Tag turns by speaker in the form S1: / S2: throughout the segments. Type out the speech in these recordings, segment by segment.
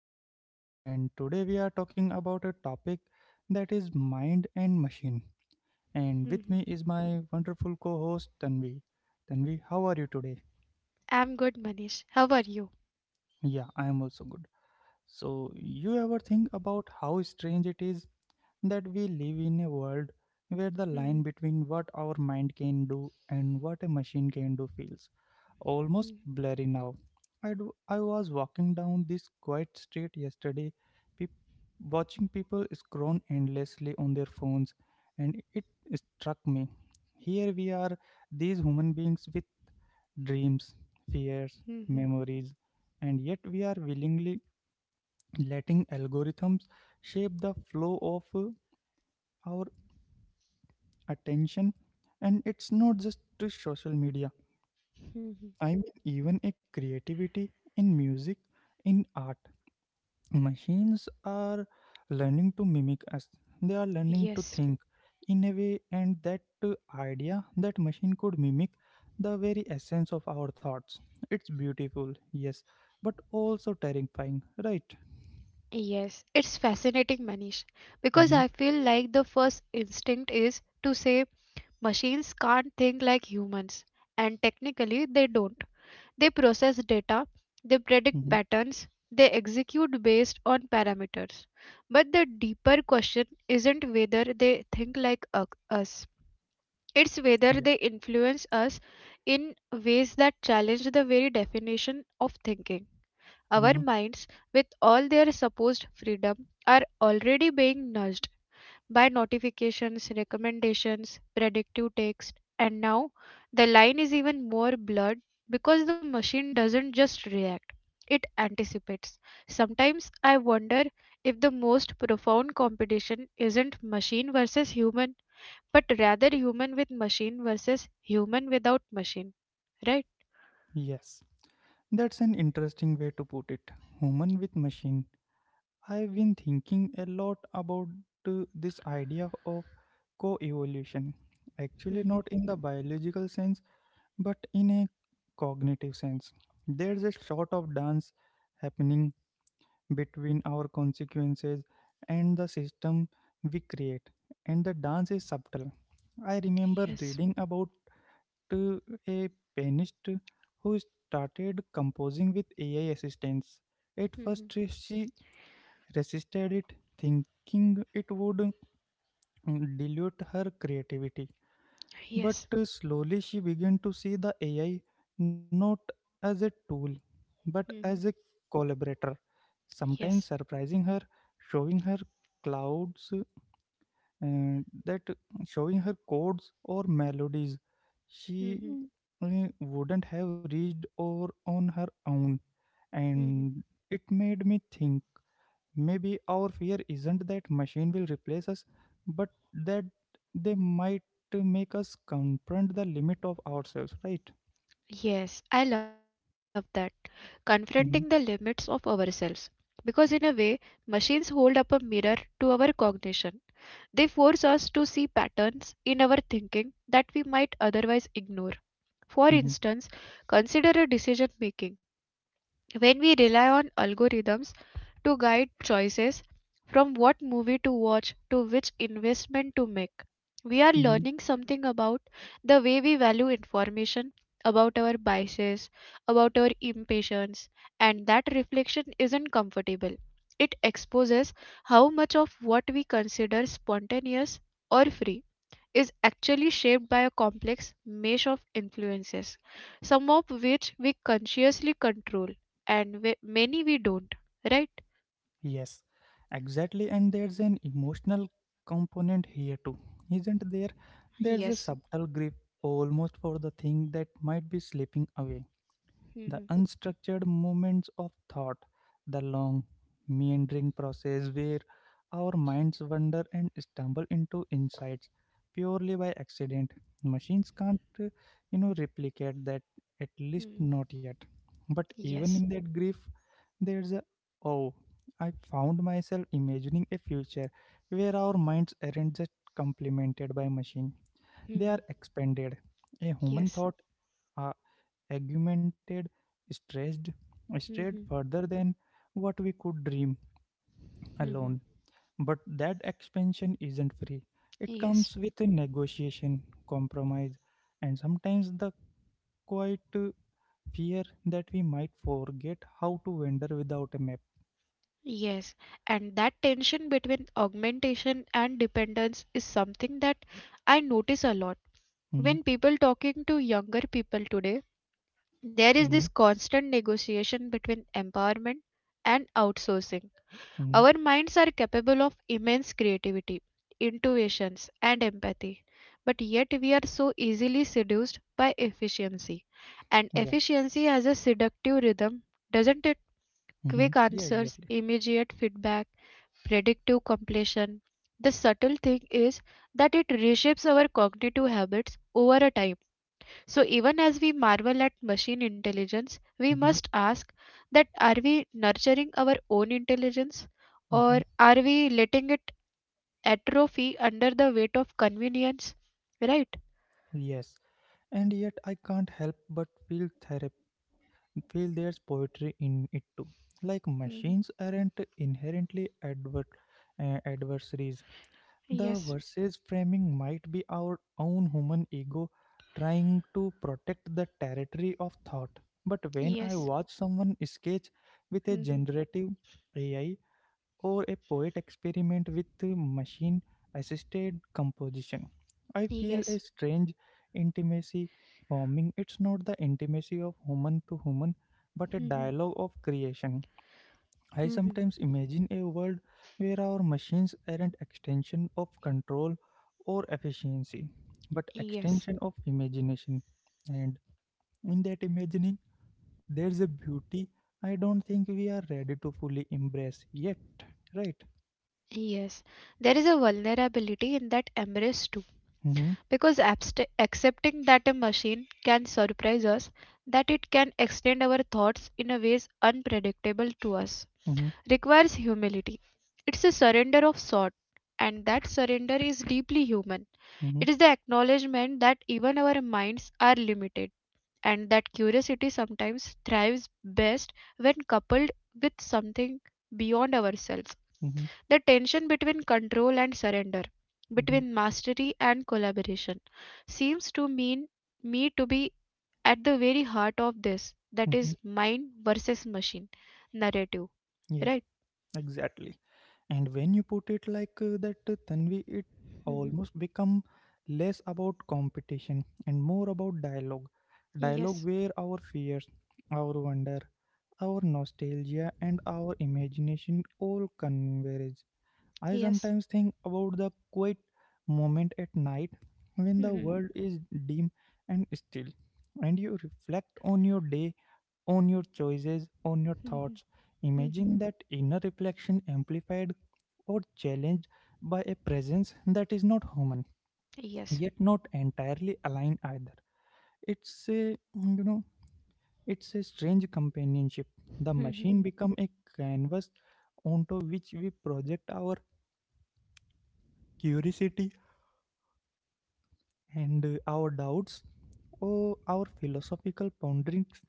S1: Manish, and today we are talking about a topic that is mind and machine. And with me
S2: Hmm.
S1: is my wonderful co host, Tanvi. Tanvi, how are you today?
S2: I'm good, Manish. How are you?
S1: Yeah, I am also good. So, you ever think about how strange it is that we live in a world where the
S2: Mhm,
S1: line between what our mind can do and what a machine can do feels
S2: mhm,
S1: almost blurry now? I was walking down this quiet street yesterday, peop watching people scroll endlessly on their phones, and it struck me. Here we are, these human beings with dreams, fears,
S2: mhm,
S1: memories, and yet we are willingly letting algorithms shape the flow of our attention, and it's not just to social media.
S2: mhm.
S1: I mean, even a creativity, in music, in art, machines are learning to mimic us. They are learning to
S2: Yes,
S1: think in a way. And that idea that machine could mimic the very essence of our thoughts, it's beautiful, yes, but also terrifying, right?
S2: yes. It's fascinating, Manish, because
S1: Mm-hmm,
S2: I feel like the first instinct is to say machines can't think like humans, and technically they don't. They process data, they
S1: mm-hmm,
S2: predict patterns, they execute based on parameters. But the deeper question isn't whether they think like us, It's whether
S1: yeah,
S2: they influence us in ways that challenge the very definition of thinking. Our
S1: mm-hmm,
S2: minds, with all their supposed freedom, are already being nudged by notifications, recommendations, predictive text, and now the line is even more blurred because the machine doesn't just react, it anticipates. Sometimes I wonder if the most profound competition isn't machine versus human but rather human with machine versus human without machine, right?
S1: yes. That's an interesting way to put it. Human with machine. I've been thinking a lot about this idea of co-evolution. Actually,
S2: Hmm.
S1: not in the biological sense, but in a cognitive sense. There's a sort of dance happening between our consequences and the system we create, and the dance is subtle. I remember
S2: Yes.
S1: reading about uh, a pianist who started composing with AI assistance. At
S2: Hmm.
S1: first, she resisted it, thinking it would dilute her creativity. But
S2: Yes.
S1: slowly, she began to see the AI not as a tool, but as a
S2: Hmm.
S1: collaborator, sometimes
S2: Yes.
S1: surprising her, showing her clouds, and that, showing her chords or melodies she
S2: Hmm.
S1: wouldn't have reached or on her own.
S2: Hmm.
S1: And it made me think, maybe our fear isn't that machine will replace us, but that they might make us confront the limit of ourselves, right?
S2: Yes, I love that, confronting the
S1: Mm-hmm.
S2: limits of ourselves, because in a way machines hold up a mirror to our cognition. They force us to see patterns in our thinking that we might otherwise ignore. For
S1: Mm-hmm,
S2: instance, consider a decision making. When we rely on algorithms to guide choices from what movie to watch to which investment to make, we are
S1: mm-hmm.
S2: learning something about the way we value information, about our biases, about our impatience. And that reflection isn't comfortable. It exposes how much of what we consider spontaneous or free is actually shaped by a complex mesh of influences, some of which we consciously control and we, many we don't, right?
S1: Yes, exactly. And there's an emotional component here too, isn't there? There's a
S2: Yes.
S1: subtle grip almost for the thing that might be slipping away. The
S2: Mhm.
S1: unstructured moments of thought, the long, meandering process where our minds wander and stumble into insights purely by accident. Machines can't, replicate that, at least
S2: Mhm.
S1: not yet. But even
S2: Yes.
S1: in that grief, there's a oh, I found myself imagining a future where our minds aren't just complemented by machine; they are
S2: Mhm.
S1: expanded. A human
S2: Yes.
S1: thought are augmented, stretched, strayed
S2: Mhm.
S1: further than what we could dream
S2: Mhm.
S1: alone. But that expansion isn't free. It
S2: Yes.
S1: comes with a negotiation, compromise, and sometimes the quiet fear that we might forget how to wander without a map.
S2: Yes, and that tension between augmentation and dependence is something that I notice a lot.
S1: Mhm.
S2: When people talking to younger people today, there is this constant negotiation between empowerment and outsourcing.
S1: Mhm.
S2: Our minds are capable of immense creativity, intuitions, and empathy, but yet we are so easily seduced by efficiency. And
S1: Yeah.
S2: efficiency has a seductive rhythm, doesn't it?
S1: Mhm.
S2: Quick
S1: Yeah,
S2: answers,
S1: exactly.
S2: immediate feedback, predictive completion. The subtle thing is that it reshapes our cognitive habits over a time, so even as we marvel at machine intelligence, we
S1: Hmm,
S2: must ask, that are we nurturing our own intelligence
S1: hmm.
S2: or are we letting it atrophy under the weight of convenience? Right?
S1: Yes, and yet I can't help but feel therap- Feel there's poetry in it too. Like
S2: Mhm.
S1: machines aren't inherently adversaries. The verses framing might be our own human ego trying to protect the territory of thought. But when I
S2: Yes.
S1: watch someone sketch with a
S2: Mhm.
S1: generative AI, or a poet experiment with machine assisted composition. I feel a
S2: Yes.
S1: strange intimacy forming. It's not the intimacy of human to human, but a
S2: Mhm.
S1: dialogue of creation. I
S2: Mhm.
S1: sometimes imagine a world where our machines aren't extension of control or efficiency, but
S2: Yes.
S1: extension of imagination. And in that imagining, there's a beauty I don't think we are ready to fully embrace yet, right?
S2: Yes. There is a vulnerability in that embrace too.
S1: Mm-hmm.
S2: Because accepting that a machine can surprise us, that it can extend our thoughts in a ways unpredictable to us,
S1: Mm-hmm,
S2: requires humility. It's a surrender of sort, and that surrender is deeply human.
S1: mm-hmm,
S2: It is the acknowledgement that even our minds are limited, and that curiosity sometimes thrives best when coupled with something beyond ourselves.
S1: mm-hmm,
S2: The tension between control and surrender,
S1: mm-hmm,
S2: between mastery and collaboration, seems to mean me to be at the very heart of this that
S1: mm-hmm.
S2: is mind versus machine narrative,
S1: Yeah,
S2: right?
S1: exactly. And when you put it like that, Tanvi, it
S2: Mhm.
S1: almost become less about competition and more about dialogue. Dialogue
S2: Yes.
S1: where our fears, our wonder, our nostalgia, and our imagination all converge. I
S2: Yes.
S1: sometimes think about the quiet moment at night when the
S2: Mhm.
S1: world is dim and still, and you reflect on your day, on your choices, on your
S2: Mhm.
S1: thoughts.
S2: Mhm.
S1: Imagine that inner reflection amplified or challenged by a presence that is not human,
S2: Yes.
S1: yet not entirely aligned either. It's a you know, it's a strange companionship. The machine
S2: Mhm.
S1: become a canvas onto which we project our curiosity and our doubts or our philosophical ponderings.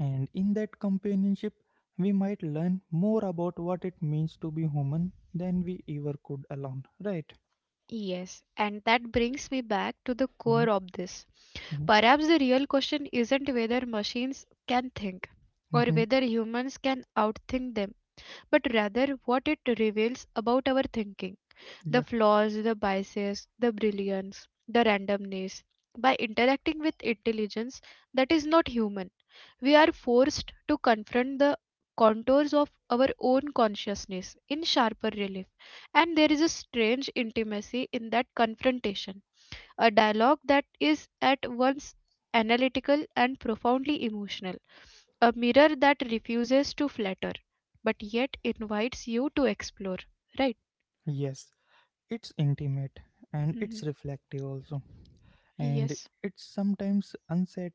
S1: And in that companionship, we might learn more about what it means to be human than we ever could alone, right?
S2: Yes, and that brings me back to the
S1: Hmm,
S2: core of this.
S1: hmm,
S2: Perhaps the real question isn't whether machines can think or
S1: hmm.
S2: whether humans can outthink them, but rather what it reveals about our thinking, the
S1: Yeah.
S2: flaws, the biases, the brilliance, the randomness. By interacting with intelligence that is not human, we are forced to confront the contours of our own consciousness in sharper relief. And there is a strange intimacy in that confrontation, a dialogue that is at once analytical and profoundly emotional, a mirror that refuses to flatter but yet invites you to explore. Right?
S1: Yes, it's intimate, and it's
S2: Mhm.
S1: reflective also. And
S2: Yes.
S1: it's sometimes unsettling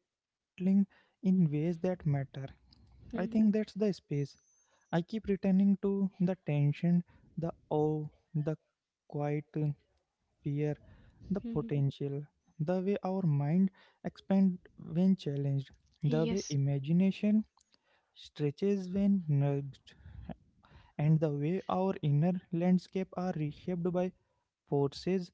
S1: in ways that matter. I
S2: Mhm.
S1: think that's the space. I keep returning to the tension, the awe, the quiet fear, the
S2: Mhm.
S1: potential, the way our mind expands when challenged, the way
S2: Yes.
S1: imagination stretches when nudged, and the way our inner landscape are reshaped by forces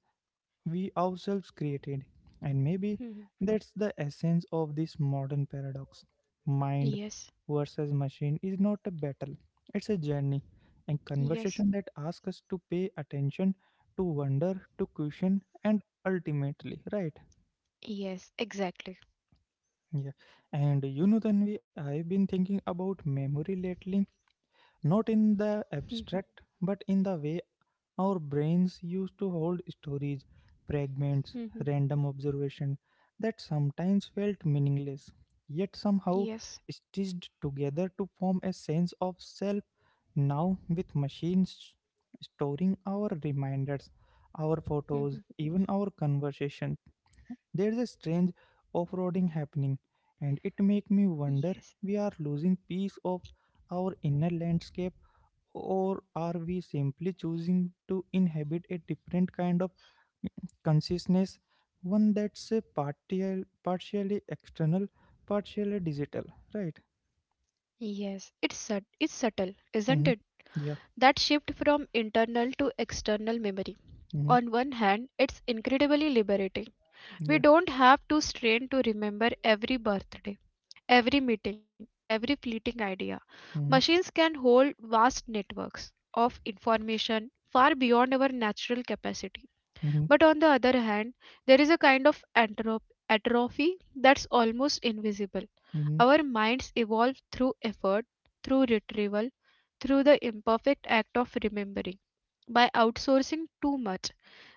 S1: we ourselves created. And maybe
S2: Mhm.
S1: that's the essence of this modern paradox. Mind
S2: Yes.
S1: versus machine is not a battle, it's a journey, a conversation
S2: Yes.
S1: that asks us to pay attention, to wonder, to question, and ultimately, right?
S2: Yes. Exactly.
S1: Yeah, and you know, Tanvi, I've been thinking about memory lately, not in the
S2: Mhm.
S1: abstract, but in the way our brains used to hold stories, fragments,
S2: Mhm.
S1: random observation that sometimes felt meaningless, yet somehow
S2: Yes.
S1: stitched together to form a sense of self. Now, with machines storing our reminders, our
S2: Mm-hmm.
S1: photos, even our conversations. There's a strange off-roading happening, and it makes me
S2: Yes.
S1: wonder, we are losing piece of our inner landscape, or are we simply choosing to inhabit a different kind of consciousness, one that's a partial, partially external, partially digital, right?
S2: Yes. It's it's subtle, isn't
S1: Mm-hmm.
S2: it?
S1: Yeah.
S2: That shift from internal to external memory.
S1: Mm-hmm.
S2: On one hand, it's incredibly liberating. We
S1: Yeah.
S2: don't have to strain to remember every birthday, every meeting, every fleeting idea.
S1: Mm-hmm.
S2: Machines can hold vast networks of information far beyond our natural capacity.
S1: Mm-hmm.
S2: But on the other hand, there is a kind of atrophy that's almost invisible.
S1: Mm-hmm.
S2: Our minds evolve through effort, through retrieval, through the imperfect act of remembering. By outsourcing too much,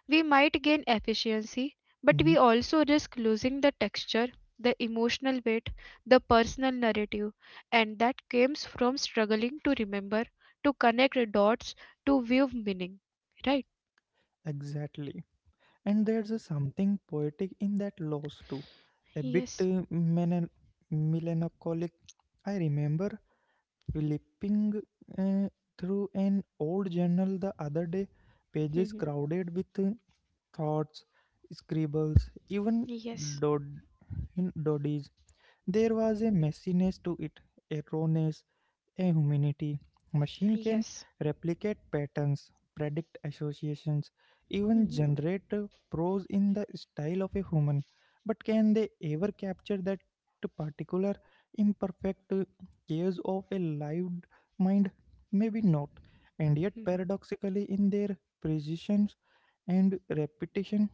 S2: we might gain efficiency, but
S1: Mm-hmm.
S2: we also risk losing the texture, the emotional weight, the personal narrative, and that comes from struggling to remember, to connect dots, to view meaning. Right?
S1: Exactly. And there's a something poetic in that loss too, a bit
S2: Yes.
S1: melancholic. I remember flipping uh, through an old journal the other day, pages crowded with thoughts, scribbles, even
S2: Yes.
S1: dod- dodges. There was a messiness to it, a rawness, a humanity. Machine can
S2: Yes.
S1: replicate patterns, predict associations, even generate prose in the style of a human. But can they ever capture that particular imperfect chaos of a lived mind? Maybe not. And yet, paradoxically, in their precision and repetition,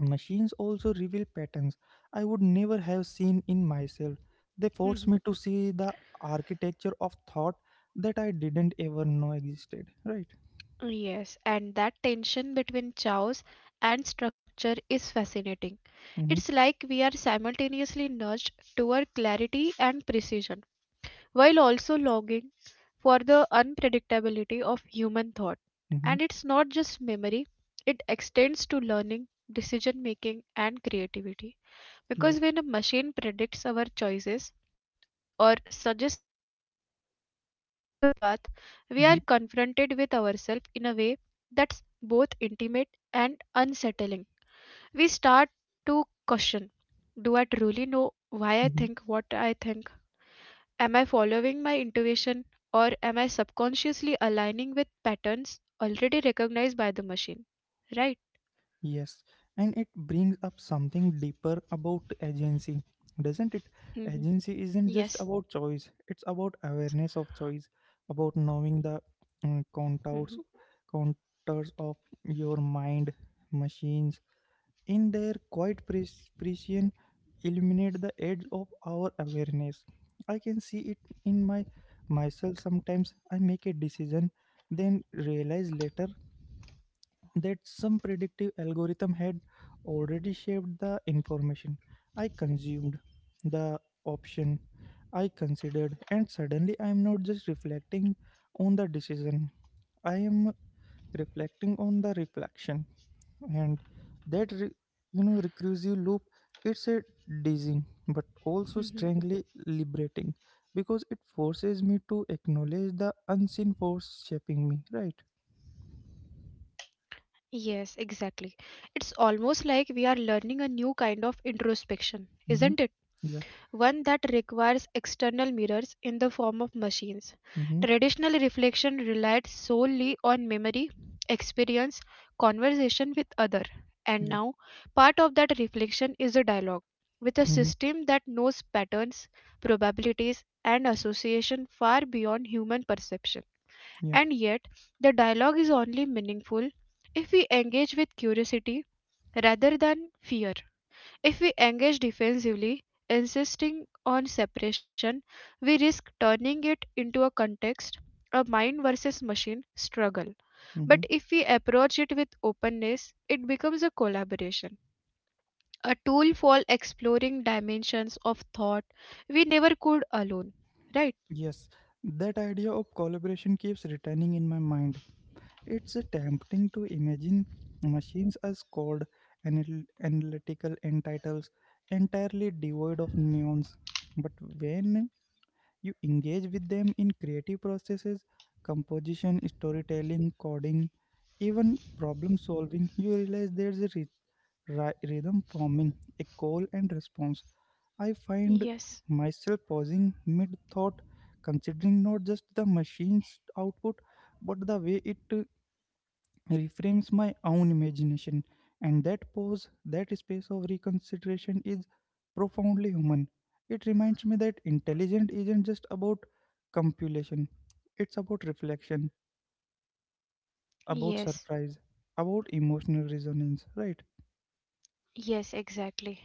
S1: machines also reveal patterns I would never have seen in myself. They force me to see the architecture of thought that I didn't ever know existed. Right?
S2: Yes, and that tension between chaos and structure is fascinating. It's
S1: Mm-hmm.
S2: like we are simultaneously nudged toward clarity and precision, while also longing for the unpredictability of human thought.
S1: Mm-hmm.
S2: And it's not just memory, it extends to learning, decision making, and creativity.
S1: Yeah.
S2: Because when a machine predicts our choices or suggests any alternative path, we
S1: Mm-hmm.
S2: are confronted with ourselves in a way that's both intimate and unsettling. We start to question, do I truly know
S1: Mm-hmm.
S2: why I think what I think? Am I following my intuition or am I subconsciously aligning with patterns already recognized by the machine? Right?
S1: Yes. And it brings up something deeper about agency, doesn't it? Agency isn't just
S2: Mhm.
S1: about choice, it's
S2: Yes.
S1: about awareness of choice, about knowing the mm,
S2: Mhm.
S1: contours, contours of your mind. Machines in their quiet precision illuminate the edge of our awareness. I can see it in my myself. Sometimes I make a decision, then realize later that some predictive algorithm had already shaped the information I consumed, the option I considered, and suddenly I am not just reflecting on the decision, I am reflecting on the reflection. And that recursive loop, it's a dizzying but also strangely liberating,
S2: Mhm.
S1: because it forces me to acknowledge the unseen force shaping me, right?
S2: Yes, exactly. It's almost like we are learning a new kind of introspection,
S1: Mm-hmm,
S2: isn't it?
S1: yeah,
S2: One that requires external mirrors in the form of machines.
S1: mm-hmm,
S2: Traditional reflection relied solely on memory, experience, conversation with other. And
S1: yeah,
S2: now, part of that reflection is a dialogue with a
S1: mm-hmm,
S2: system that knows patterns, probabilities, and association far beyond human perception.
S1: yeah,
S2: And yet, the dialogue is only meaningful if we engage with curiosity rather than fear. If we engage defensively, insisting on separation, we risk turning it into a context, a mind versus machine struggle. But
S1: mm-hmm.
S2: if we approach it with openness, it becomes a collaboration, a tool for exploring dimensions of thought we never could alone. Right?
S1: Yes, that idea of collaboration keeps returning in my mind. It's tempting to imagine machines as cold, analytical entities, entirely devoid of nuance. But when you engage with them in creative processes, composition, storytelling, coding, even problem solving, you realize there's a rhythm forming, a call and response. I find
S2: Yes,
S1: myself pausing mid thought, considering not just the machine's output, but the way it reframes my own imagination. And that pause, that space of reconsideration is profoundly human. It reminds me that intelligence isn't just about compilation, it's about reflection, about
S2: yes,
S1: surprise, about emotional resonance, right?
S2: yes, exactly.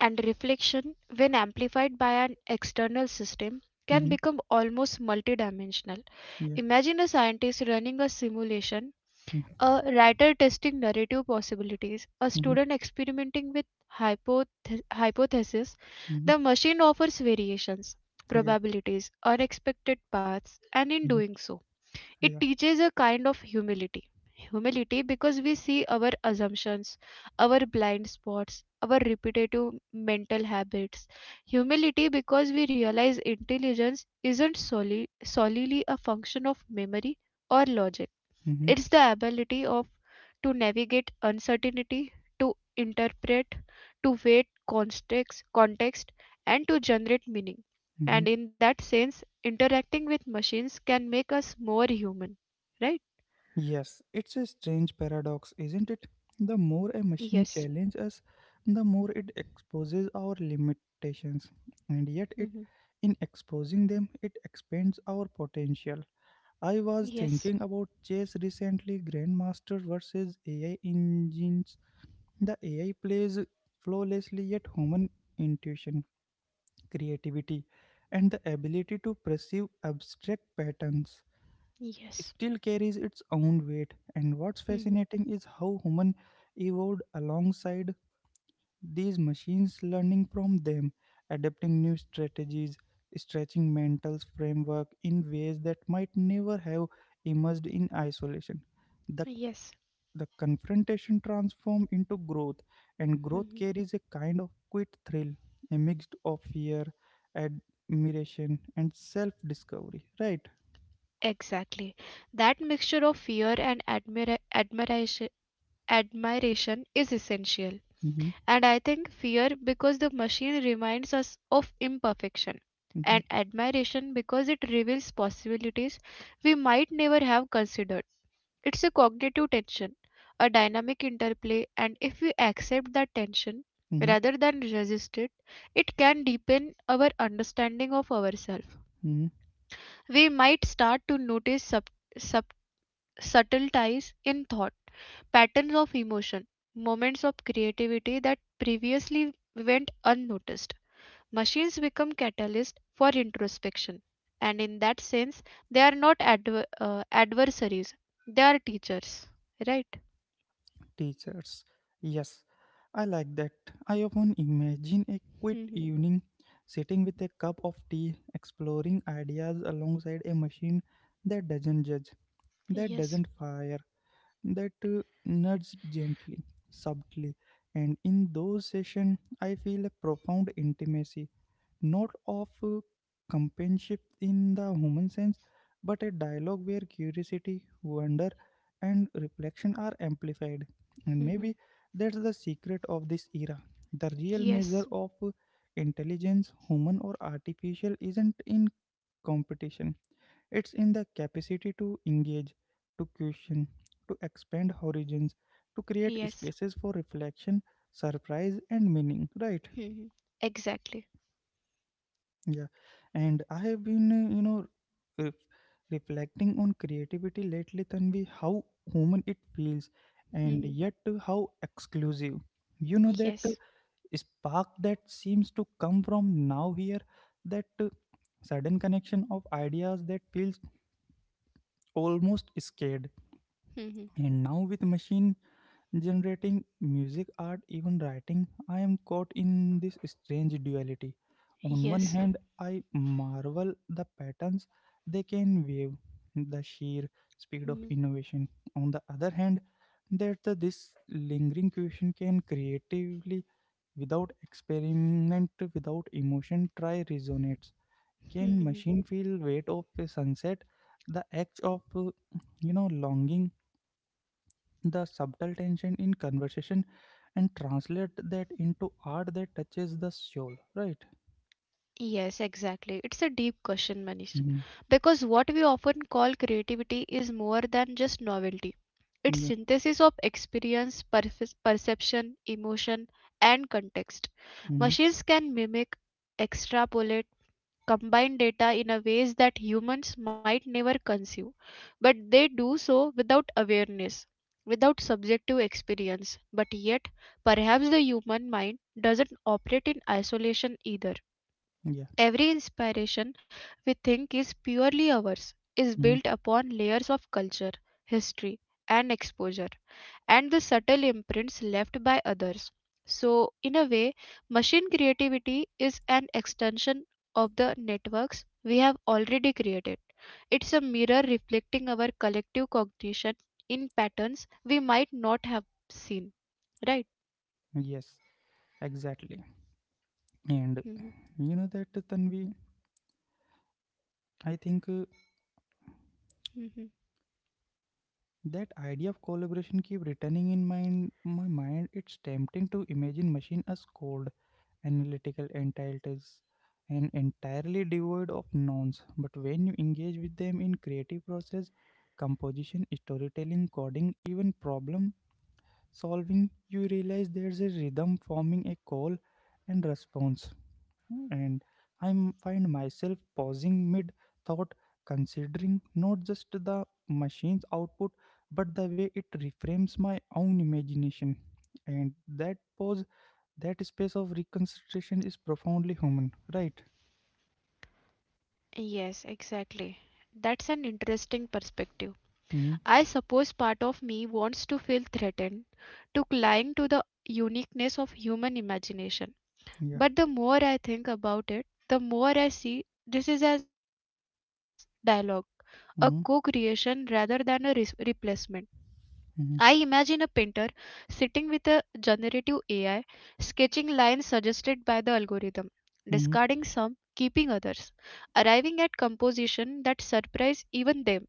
S2: And reflection, when amplified by an external system, can
S1: Mm-hmm.
S2: become almost multidimensional.
S1: Yeah.
S2: Imagine a scientist running a simulation, a
S1: Mm-hmm.
S2: writer testing narrative possibilities, a
S1: Mm-hmm.
S2: student experimenting with hypotheses.
S1: Mm-hmm.
S2: The machine offers variations,
S1: Yeah.
S2: probabilities, unexpected paths, and in
S1: Mm-hmm.
S2: doing so, it
S1: Yeah.
S2: teaches a kind of humility. Humility because we see our assumptions, our blind spots, our repetitive mental habits. Humility because we realize intelligence isn't solely a function of memory or logic.
S1: Mm-hmm.
S2: It's the ability of to navigate uncertainty, to interpret, to weight context, and to generate meaning.
S1: Mm-hmm.
S2: And in that sense, interacting with machines can make us more human, right?
S1: Yes, it's a strange paradox, isn't it? The more a machine
S2: Yes.
S1: challenges us, the more it exposes our limitations. And yet it,
S2: Hmm.
S1: in exposing them, it expands our potential. I was
S2: Yes.
S1: thinking about chess recently, Grandmaster versus AI engines. The AI plays flawlessly, yet human intuition, creativity, and the ability to perceive abstract patterns
S2: Yes.
S1: still carries its own weight. And what's
S2: Hmm.
S1: fascinating is how human evolved alongside these machines, learning from them, adapting new strategies, stretching mental framework in ways that might never have emerged in isolation. The
S2: Yes.
S1: the confrontation transforms into growth, and growth
S2: Hmm.
S1: carries a kind of quit thrill, a mix of fear, admiration, and self-discovery. Right?
S2: Exactly. That mixture of fear and admiration is essential.
S1: Mm-hmm,
S2: And I think fear because the machine reminds us of imperfection,
S1: mm-hmm,
S2: and admiration because it reveals possibilities we might never have considered. It's a cognitive tension, a dynamic interplay, and if we accept that tension
S1: mm-hmm,
S2: rather than resist it, it can deepen our understanding of ourselves.
S1: mm-hmm.
S2: We might start to notice sub- subtle ties in thought, patterns of emotion, moments of creativity that previously went unnoticed. Machines become catalysts for introspection, and in that sense, they are not adversaries, they are teachers, right?
S1: Teachers. Yes, I like that. I often imagine a quiet
S2: Mhm.
S1: evening sitting with a cup of tea, exploring ideas alongside a machine that doesn't judge, that
S2: Yes.
S1: doesn't fire, that nudges gently, subtly. And in those sessions, I feel a profound intimacy, not of companionship in the human sense, but a dialogue where curiosity, wonder, and reflection are amplified. And
S2: Mhm.
S1: maybe that's the secret of this era. The real measure
S2: Yes.
S1: of intelligence, human or artificial, isn't in competition, it's in the capacity to engage, to question, to expand horizons, to create
S2: Yes.
S1: spaces for reflection, surprise, and meaning, right?
S2: Mhm. Exactly.
S1: Yeah, and I have been, ref- reflecting on creativity lately, Tanvi, how human it feels, and
S2: Mhm.
S1: yet how exclusive. That
S2: Yes.
S1: spark that seems to come from now here, that sudden connection of ideas that feels almost scared.
S2: Mhm.
S1: And now with machine generating music, art, even writing, I am caught in this strange duality. On one
S2: Yes.
S1: hand, I marvel the patterns they can weave, the sheer
S2: Mhm.
S1: speed of innovation. On the other hand, there's this lingering question, can creatively, without experiment, without emotion, try resonates. Can
S2: Mhm.
S1: machine feel weight of a sunset? The act of longing, the subtle tension in conversation, and translate that into art that touches the soul, right?
S2: Yes, exactly. It's a deep question, Manish.
S1: Hmm.
S2: Because what we often call creativity is more than just novelty. It's
S1: Yeah.
S2: synthesis of experience, perception, emotion, and context.
S1: Hmm.
S2: Machines can mimic, extrapolate, combine data in a ways that humans might never conceive, but they do so without awareness, without subjective experience. But yet, perhaps the human mind doesn't operate in isolation either.
S1: Yeah.
S2: Every inspiration we think is purely ours is
S1: Hmm.
S2: built upon layers of culture, history, and exposure, and the subtle imprints left by others. So, in a way, machine creativity is an extension of the networks we have already created. It's a mirror reflecting our collective cognition in patterns we might not have seen, right?
S1: Yes, exactly. And
S2: Mhm,
S1: you know that, Tanvi, I think
S2: mhm.
S1: that idea of collaboration keep returning in mind my mind. It's tempting to imagine machine as code, analytical, entitled, and entirely devoid of nouns. But when you engage with them in creative process, composition, storytelling, coding, even problem solving, you realize there's a rhythm forming, a call and response. And I find myself pausing mid thought, considering not just the machine's output, but the way it reframes my own imagination. And that pause, that space of reconsideration, is profoundly human, right?
S2: Yes, exactly. That's an interesting perspective.
S1: Hmm.
S2: I suppose part of me wants to feel threatened, to cling to the uniqueness of human imagination.
S1: Yeah.
S2: But the more I think about it, the more I see this is as dialogue, a co creation
S1: Hmm.
S2: rather than a replacement. I imagine a
S1: Hmm.
S2: painter sitting with a generative AI, sketching lines suggested by the algorithm, discarding
S1: Hmm.
S2: some, keeping others, arriving at composition that surprise even them.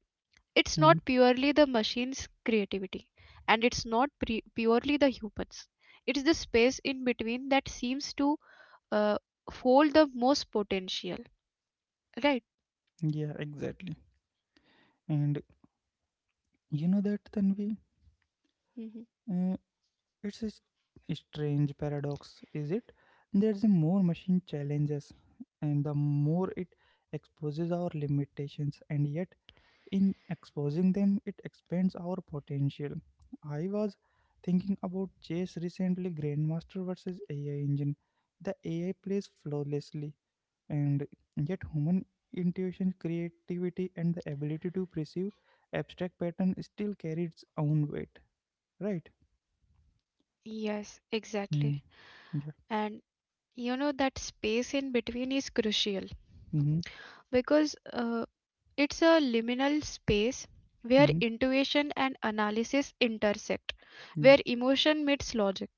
S2: It's
S1: Hmm.
S2: not purely the machine's creativity, and it's not purely the humans. It is the space in between that seems to uh, hold the most potential, right?
S1: Yeah, exactly. And you know that, Tanvi,
S2: Hmm.
S1: uh, it's a strange paradox, is it? There's a more machine challenges, and the more it exposes our limitations, and yet in exposing them it expands our potential. I was thinking about chess recently, grandmaster versus AI engine. The AI plays flawlessly, and yet human intuition, creativity, and the ability to perceive abstract pattern still carry its own weight, right?
S2: Yes,
S1: Mm.
S2: exactly.
S1: Yeah.
S2: And you know that space in between is crucial,
S1: Mm-hmm.
S2: because it's a liminal space where
S1: Mm-hmm.
S2: intuition and analysis intersect,
S1: Yeah.
S2: where emotion meets logic.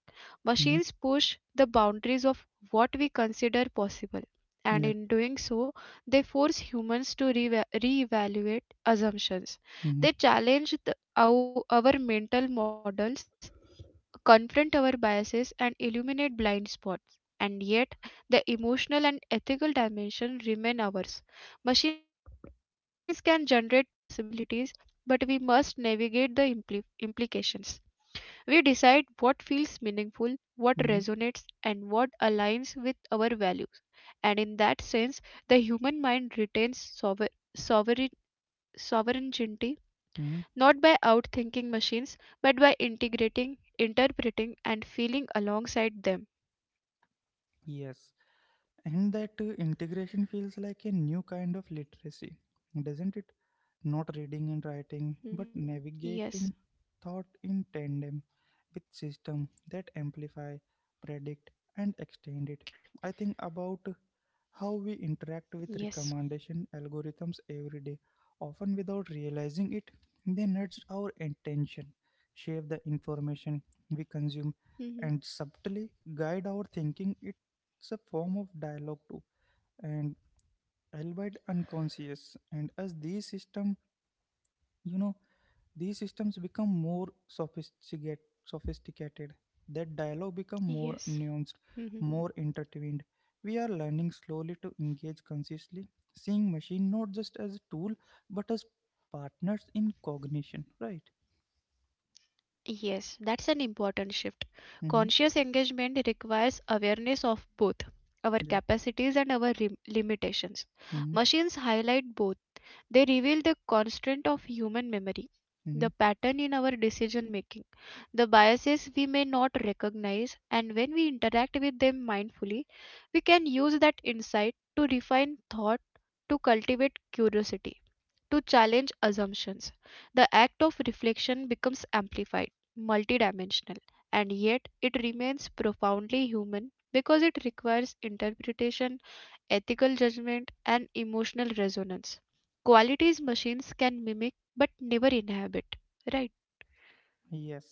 S1: Mm-hmm.
S2: Machines push the boundaries of what we consider possible, and
S1: Yeah.
S2: in doing so, they force humans to reevaluate assumptions. They
S1: Mm-hmm.
S2: challenge our mental models, confront our biases, and illuminate blind spots. And yet, the emotional and ethical dimension remain ours. Machines can generate possibilities, but we must navigate the implications. We decide what feels meaningful,
S1: Mm-hmm.
S2: what resonates, and what aligns with our values. And in that sense, the human mind retains sovereign sovereignty,
S1: Mm-hmm.
S2: not by outthinking machines, but by integrating, interpreting, and feeling alongside them.
S1: Yes, and that integration feels like a new kind of literacy, doesn't it? Not reading and
S2: Mhm.
S1: writing, but
S2: Yes,
S1: navigating thought in tandem with system that amplify, predict, and extend it. I think about how we
S2: yes.
S1: interact with recommendation algorithms every day, often without realizing it. They nudge our attention, shape the information
S2: Mhm.
S1: we consume, and subtly guide our thinking. It's a form of dialogue too, and albeit unconscious. And as you know these systems become more sophisticated that dialogue
S2: Yes.
S1: become more
S2: Mhm.
S1: nuanced, more intertwined. We are learning slowly to engage consciously, seeing machine not just as a tool but as partners in cognition, right?
S2: Yes, that's an important shift.
S1: Mm-hmm.
S2: Conscious engagement requires awareness of both our
S1: Yeah.
S2: capacities and our limitations.
S1: Mm-hmm.
S2: Machines highlight both. They reveal the constant of human memory,
S1: Mm-hmm.
S2: the pattern in our decision making, the biases we may not recognize, and when we interact with them mindfully, we can use that insight to refine thought, to cultivate curiosity, to challenge assumptions. The act of reflection becomes amplified, multidimensional, and yet it remains profoundly human because it requires interpretation, ethical judgment, and emotional resonance. Qualities machines can mimic but never inhabit, right?
S1: Yes.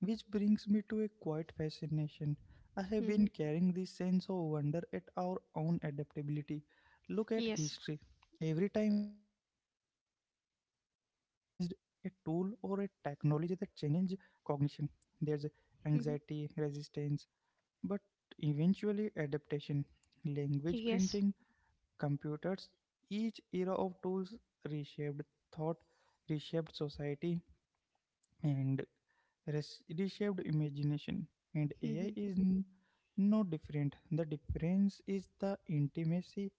S1: Which brings me to a quiet fascination. I have been
S2: Mhm.
S1: carrying this sense of wonder at our own adaptability. Look at
S2: Yes.
S1: history. Every time humans have faced a tool or a technology that changes cognition, there's
S2: Mhm.
S1: anxiety, resistance, but eventually adaptation. Language
S2: Yes.
S1: printing, computers, each era of tools reshaped thought, reshaped society, and reshaped imagination. And AI
S2: Mhm.
S1: is no different. The difference is the intimacy,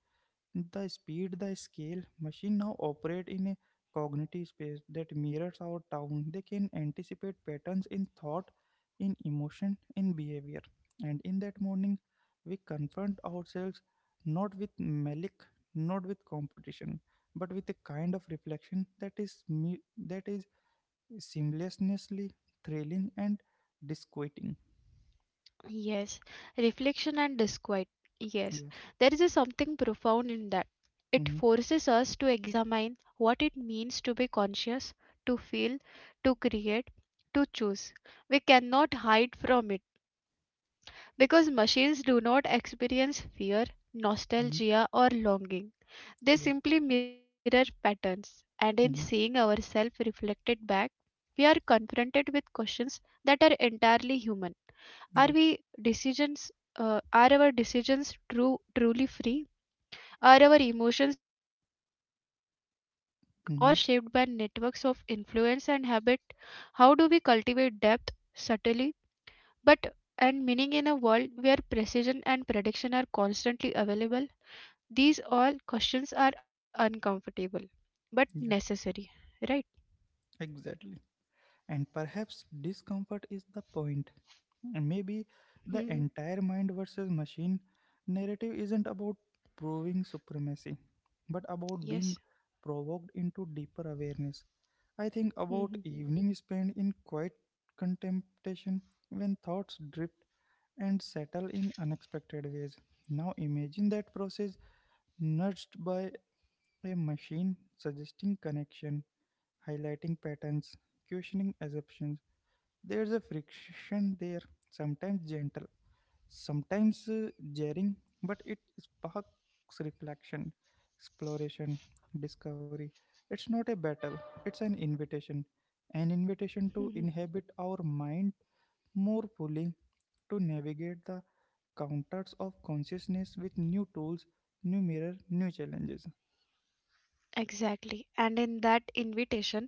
S1: the speed, the scale. Machine now operate in a cognitive space that mirrors our town. They can anticipate patterns in thought, in emotion, in behavior. And in that morning, we confront ourselves not with malice, not with competition, but with a kind of reflection that is that is seamlessly thrilling and disquieting.
S2: Yes. Reflection and disquiet. Yes.
S1: Yes.
S2: There is a something profound in that. It
S1: Mm-hmm.
S2: forces us to examine what it means to be conscious, to feel, to create, to choose. We cannot hide from it. Because machines do not experience fear, nostalgia, or longing. They
S1: Yeah.
S2: simply mirror patterns, and in seeing
S1: Mm-hmm.
S2: ourselves reflected back, we are confronted with questions that are entirely human. Are
S1: Yeah.
S2: we decisions? Are our decisions truly free? Are our emotions authentic or shaped by networks
S1: Mm-hmm.
S2: of influence and habit? How do we cultivate depth subtly but and meaning in a world where precision and prediction are constantly available. These all questions are uncomfortable but necessary,
S1: Yeah.
S2: right?
S1: Exactly. And perhaps discomfort is the point. And maybe
S2: hmm
S1: the entire mind versus machine narrative isn't about proving supremacy, but about
S2: yes.
S1: being provoked into deeper awareness. I think
S2: hmm
S1: about evening spent in quiet contemplation, when thoughts drift and settle in unexpected ways. Now imagine that process nudged by a machine suggesting connection, highlighting patterns, questioning assumptions. There's a friction there, sometimes gentle, sometimes jarring, but it sparks reflection, exploration, discovery. It's not a battle, it's an invitation. An
S2: hmm
S1: invitation to inhabit our mind more fully, to navigate the counters of consciousness with new tools, new mirror, new challenges.
S2: exactly. And in that invitation,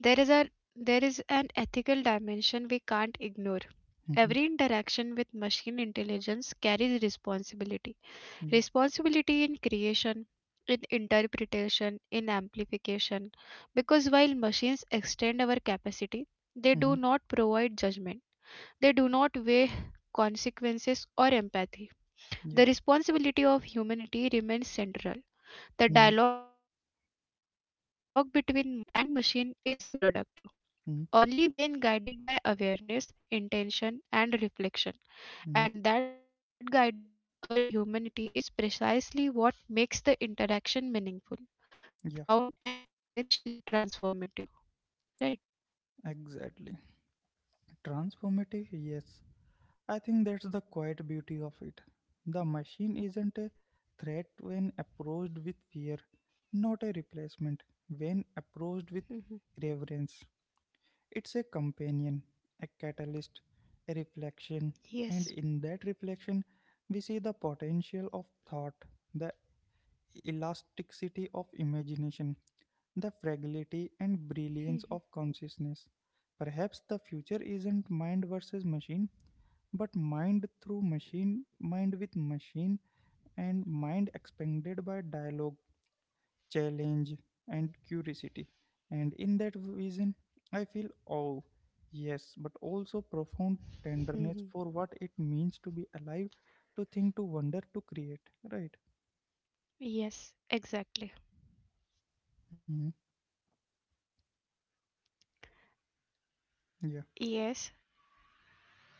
S2: there is a, there is an ethical dimension we can't ignore.
S1: Mhm.
S2: Every interaction with machine intelligence carries responsibility,
S1: Yeah.
S2: responsibility in creation, in interpretation, in amplification. Because while machines extend our capacity, they do
S1: Mhm.
S2: not provide judgment, they do not weigh consequences or empathy.
S1: Yeah.
S2: The responsibility of humanity remains central. The
S1: Mhm.
S2: dialogue between mind and machine is productive
S1: Mhm.
S2: only when guided by awareness, intention, and reflection.
S1: Mhm.
S2: And that guidance, our humanity, is precisely what makes the interaction meaningful,
S1: Yeah.
S2: profound, and potentially transformative, right?
S1: Exactly. Transformative, yes. I think that's the quiet beauty of it. The machine isn't a threat when approached with fear, not a replacement when
S2: Mhm.
S1: approached with reverence. It's a companion, a catalyst, a reflection,
S2: Yes.
S1: and in that reflection, we see the potential of thought, the elasticity of imagination, the fragility and brilliance of
S2: Mhm.
S1: consciousness. Perhaps the future isn't mind versus machine, but mind through machine, mind with machine, and mind expanded by dialogue, challenge, and curiosity. And in that vision, I feel awe, yes, but also profound
S2: Mhm.
S1: tenderness for what it means to be alive, to think, to wonder, to create. Right?
S2: Yes. Exactly.
S1: Mhm. Yeah.
S2: Yes,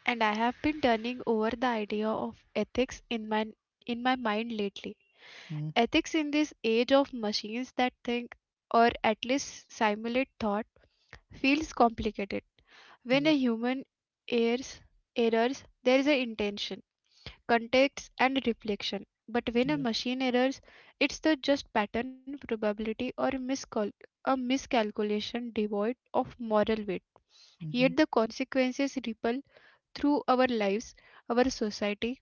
S2: and I have been turning over the idea of ethics in my mind lately.
S1: Mm-hmm.
S2: Ethics in this age of machines that think, or at least simulate thought, feels complicated. When
S1: Yeah,
S2: a human errs errors, there is an intention, context, and reflection. But when a
S1: yeah.
S2: machine errors, it's the just pattern, probability, or a miscalculation devoid of moral weight.
S1: Mm-hmm.
S2: Yet the consequences ripple through our lives, our society,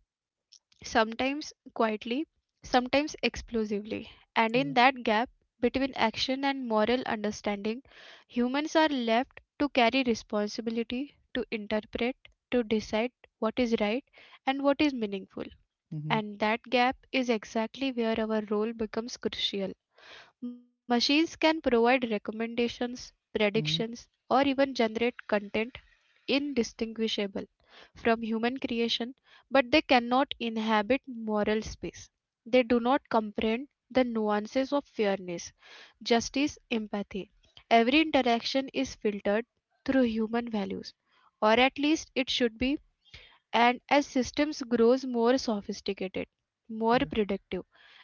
S2: sometimes quietly, sometimes explosively. And in
S1: Yeah.
S2: that gap between action and moral understanding, humans are left to carry responsibility, to interpret, to decide what is right and what is meaningful.
S1: Mm-hmm.
S2: And that gap is exactly where our role becomes crucial. Machines can provide recommendations,
S1: Mm-hmm.
S2: predictions, or even generate content indistinguishable from human creation, but they cannot inhabit moral space. They do not comprehend the nuances of fairness, justice, empathy. Every interaction is filtered through human values, or at least it should be. And as systems grows more sophisticated, more
S1: Yeah.
S2: predictive,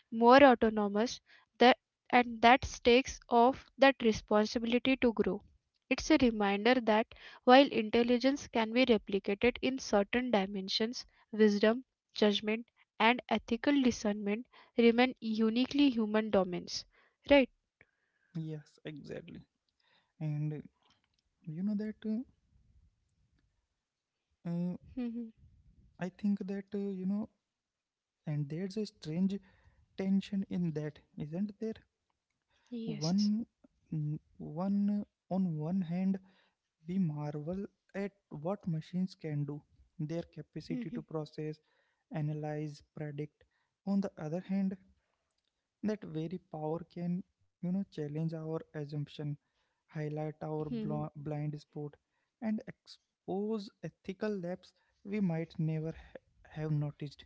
S2: more autonomous, that that takes off that responsibility to grow. It's a reminder that while intelligence can be replicated in certain dimensions, wisdom, judgment, and ethical discernment remain uniquely human domains, right?
S1: Yes, exactly. And you know that uh,
S2: Mhm.
S1: I think that, and there's a strange tension in that, isn't there?
S2: Yes.
S1: One, n- one on one hand, we marvel at what machines can do, their capacity to
S2: Mhm.
S1: process, analyze, predict. On the other hand, that very power can challenge our assumption, highlight our
S2: Mhm.
S1: blind spot, and expose ethical laps we might never have noticed.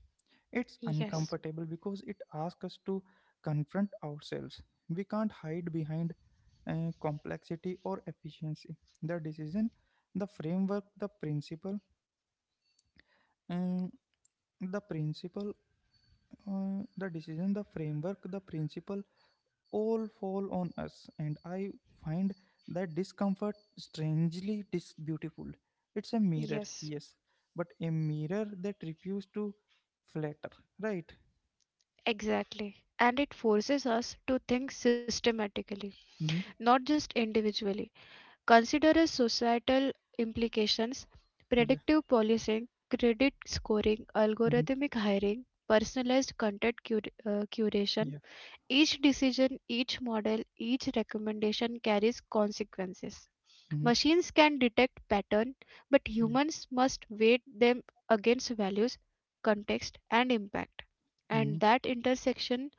S1: It's
S2: Yes.
S1: uncomfortable because it asks us to confront ourselves. We can't hide behind complexity or efficiency. The decision, the framework, the principle, um, the principle, the decision, the framework, the principle all fall on us. And I find that discomfort strangely beautiful. It's a mirror,
S2: Yes.
S1: yes, but a mirror that refuses to flatter, right?
S2: Exactly. And it forces us to think systematically,
S1: Mm-hmm.
S2: not just individually. Consider the societal implications,
S1: Yeah.
S2: predictive policing, credit scoring,
S1: Mm-hmm.
S2: algorithmic hiring, personalized content curation.
S1: Yeah.
S2: Each decision, each model, each recommendation carries consequences.
S1: Mm-hmm.
S2: Machines can detect pattern, but
S1: Yeah.
S2: humans must weight them against values, context, and impact. And
S1: Mm-hmm.
S2: that intersection,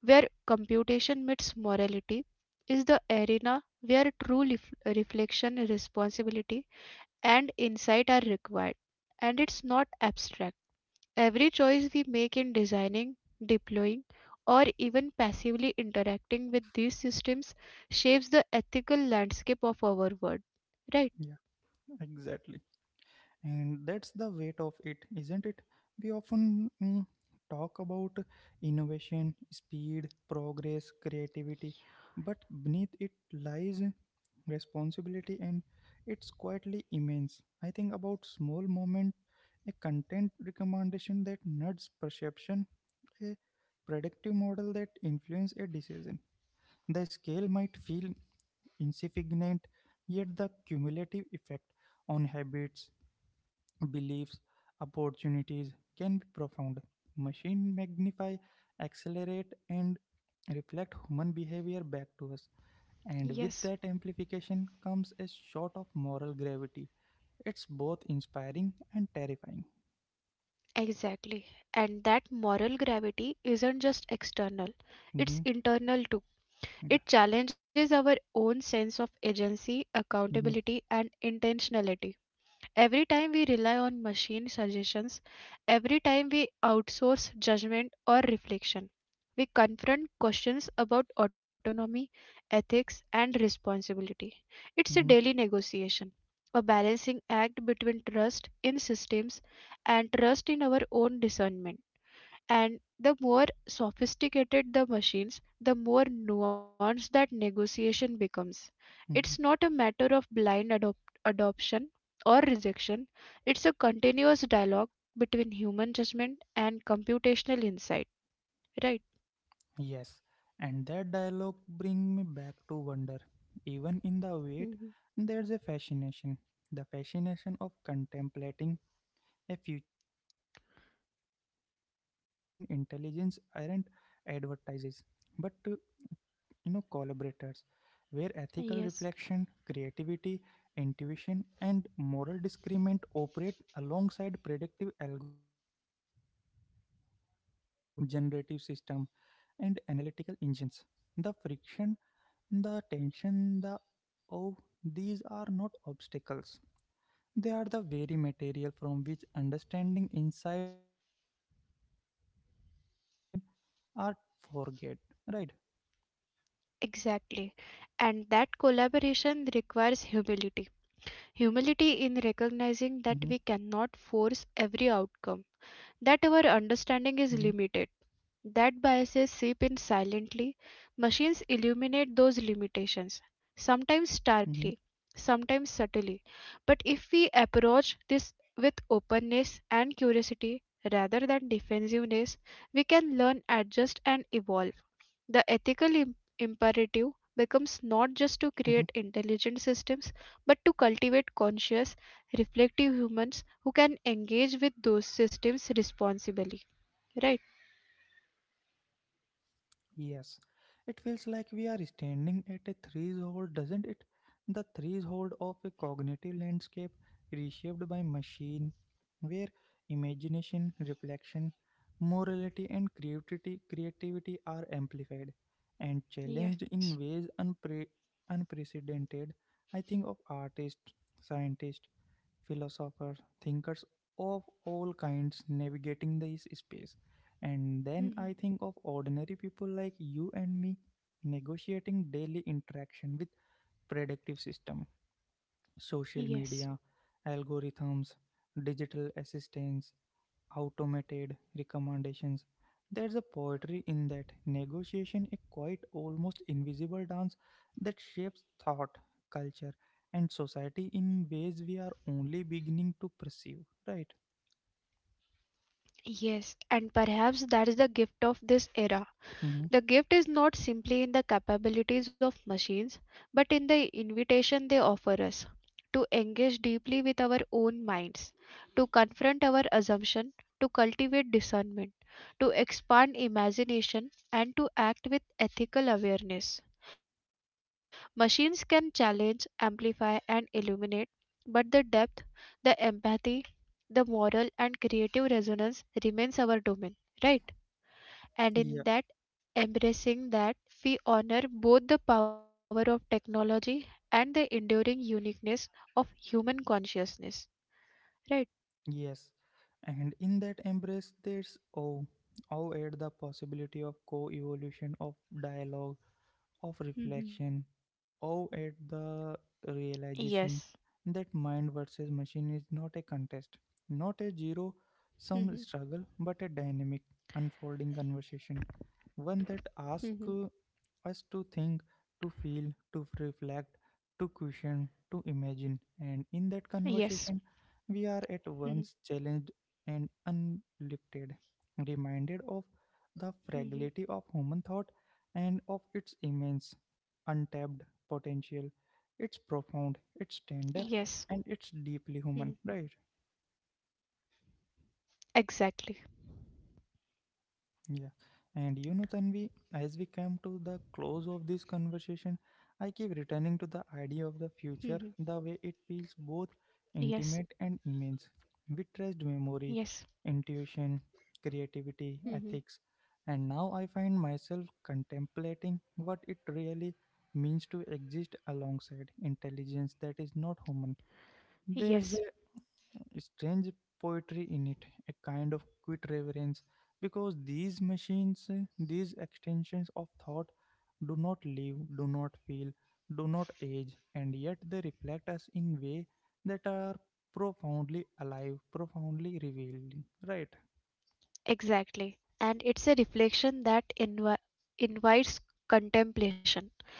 S2: where computation meets morality, is the arena where true reflection, responsibility, and insight are required. And it's not abstract. Every choice we make in designing, deploying, or even passively interacting with these systems shapes the ethical landscape of our world. Right?
S1: Yeah. Exactly. And that's the weight of it, isn't it? We often talk about innovation, speed, progress, creativity, but beneath it lies responsibility, and it's quietly immense. I think about small moment, a content recommendation that nudges perception, a predictive model that influences a decision. The scale might feel insignificant, yet the cumulative effect on habits, beliefs, opportunities can be profound. Machine magnify, accelerate, and reflect human behavior back to us. And with
S2: Yes.
S1: that amplification comes a shot of moral gravity. It's both inspiring and terrifying.
S2: Exactly. And that moral gravity isn't just external, it's
S1: Hmm.
S2: internal too.
S1: Yeah.
S2: It challenges our own sense of agency,
S1: Hmm.
S2: accountability, and intentionality. Every time we rely on machine suggestions, every time we outsource judgment or reflection, we confront questions about autonomy, ethics, and responsibility. It's a daily
S1: Hmm.
S2: negotiation, a balancing act between trust in systems and trust in our own discernment. And the more sophisticated the machines, the more nuanced that negotiation becomes. It's
S1: Hmm.
S2: not a matter of blind adoption or rejection, it's a continuous dialogue between human judgment and computational insight, right?
S1: Yes. And that dialogue bring me back to wonder. Even in the
S2: Mhm.
S1: wait, there's a fascination. The fascination of contemplating a future when human and machine intelligence aren't advertises, but collaborators, where ethical reflection,
S2: Yes.
S1: creativity, intuition, and moral discernment operate alongside predictive algorithms, generative system, and analytical engines. The friction, the tension, the, oh, these are not obstacles. They are the very material from which understanding, insight, and imagination are forget. Right?
S2: Exactly. And that collaboration requires humility. Humility in recognizing
S1: Mm-hmm,
S2: that we cannot force every outcome, that our understanding is
S1: mm-hmm,
S2: limited. That biases seep in silently. Machines illuminate those limitations, sometimes
S1: mm-hmm,
S2: starkly, sometimes subtly. But if we approach this with openness and curiosity rather than defensiveness, we can learn, adjust, and evolve. The ethical imperative becomes
S1: mm-hmm.
S2: not just to create intelligent systems, but to cultivate conscious, reflective humans who can engage with those systems responsibly. Right?
S1: Yes, it feels like we are standing at a threshold, doesn't it? The threshold of a cognitive landscape reshaped by machine, where imagination, reflection, morality, and creativity are amplified and challenged
S2: Yes.
S1: in ways unprecedented. I think of artists, scientists, philosophers, thinkers of all kinds navigating this space. And then I
S2: Mhm.
S1: think of ordinary people like you and me negotiating daily interaction with predictive system, social
S2: Yes.
S1: media, algorithms, digital assistants, automated recommendations. There's a poetry in that negotiation, a quiet, almost invisible dance that shapes thought, culture, and society in ways we are only beginning to perceive, right?
S2: Yes, and perhaps that is the gift of this era.
S1: Hmm.
S2: The gift is not simply in the capabilities of machines, but in the invitation they offer us to engage deeply with our own minds, to confront our assumption, to cultivate discernment, to expand imagination, and to act with ethical awareness. Machines can challenge, amplify, and illuminate, but the depth, the empathy, the moral, and creative resonance remains our domain, right? And in
S1: Yeah,
S2: that, embracing that, we honor both the power of technology and the enduring uniqueness of human consciousness, right?
S1: yes. And in that embrace, there's oh, oh, at the possibility of co evolution, of dialogue, of
S2: Mm-hmm.
S1: reflection, or at the
S2: Yes.
S1: realization that mind versus machine is not a contest, not a zero
S2: Mm-hmm.
S1: sum struggle, but a dynamic, unfolding conversation, one that
S2: Hmm.
S1: asks us to think, to feel, to reflect, to question, to
S2: Yes.
S1: imagine. And in that conversation,
S2: Mm-hmm.
S1: we are at once challenged and unlifted, reminded of
S2: Mm-hmm.
S1: the fragility of human thought and of its immense, untapped
S2: Yes.
S1: potential. It's profound,
S2: Mm-hmm.
S1: it's tender, and it's deeply human, right?
S2: Exactly.
S1: Yeah. And you know, Tanvi, as we come to the close of this conversation, I keep returning
S2: Mm-hmm.
S1: to the idea of the future, the way it feels both
S2: Yes.
S1: intimate and immense. We trust
S2: Yes.
S1: memory, intuition, creativity,
S2: Mm-hmm.
S1: ethics, and now I find myself contemplating what it really means to exist alongside intelligence that is not human. There's a
S2: Yes,
S1: strange poetry in it, a kind of quiet reverence, because these machines, these extensions of thought, do not live, do not feel, do not age, and yet they reflect us in way that are profoundly alive, profoundly revealing. Right?
S2: exactly. And it's a reflection that invites contemplation.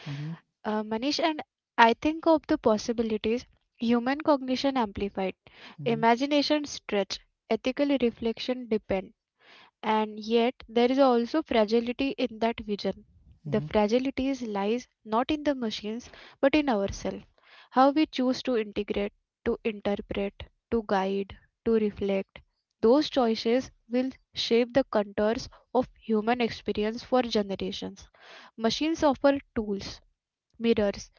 S1: Mm-hmm,
S2: Manish, and I think of the possibilities, human cognition amplified,
S1: mm-hmm,
S2: imagination stretched, ethical reflection deepened. And yet, there is also fragility in that vision. The
S1: mm-hmm,
S2: fragility lies not in the machines but in ourselves. How we choose to integrate, to interpret, to guide, to reflect. Those choices will shape the contours of human experience for generations. Machines offer tools, mirrors,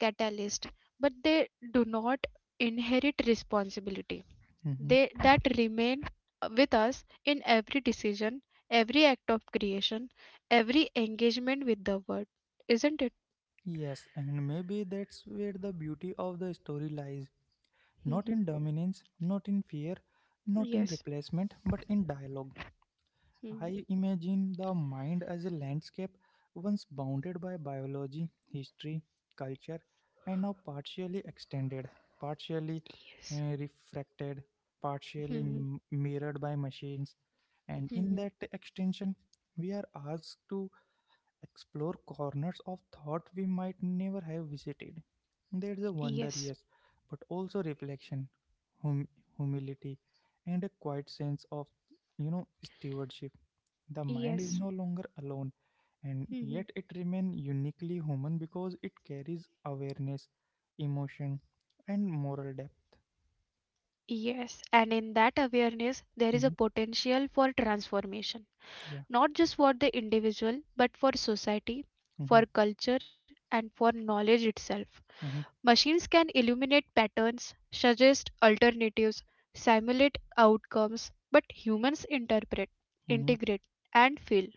S2: catalysts, but they do not inherit responsibility.
S1: mm-hmm.
S2: They that remain with us in every decision, every act of creation, every engagement with the word, isn't it?
S1: Yes, and maybe that's where the beauty of the story lies. Not
S2: Mhm.
S1: in dominance, not in fear, not in
S2: Yes.
S1: replacement, but in dialogue.
S2: Mhm.
S1: I imagine the mind as a landscape once bounded by biology, history, culture, and now partially extended, partially
S2: Yes.
S1: refracted, partially
S2: Mhm.
S1: mirrored by machines. And in
S2: Mhm.
S1: that extension, we are asked to explore corners of thought we might never have visited. There's a
S2: Yes.
S1: wonder, yes, but also reflection, hum- humility, and a quiet sense of stewardship. The mind is
S2: Yes.
S1: no longer alone, and
S2: Mhm.
S1: yet it remains uniquely human because it carries awareness, emotion, and moral depth.
S2: Yes. And in that awareness, there is a
S1: Hmm.
S2: potential for transformation,
S1: Yeah.
S2: not just for the individual, but for society,
S1: Mm-hmm.
S2: for culture, and for knowledge itself.
S1: Mm-hmm.
S2: Machines can illuminate patterns, suggest alternatives, simulate outcomes, but humans interpret,
S1: Mm-hmm.
S2: integrate, and feel.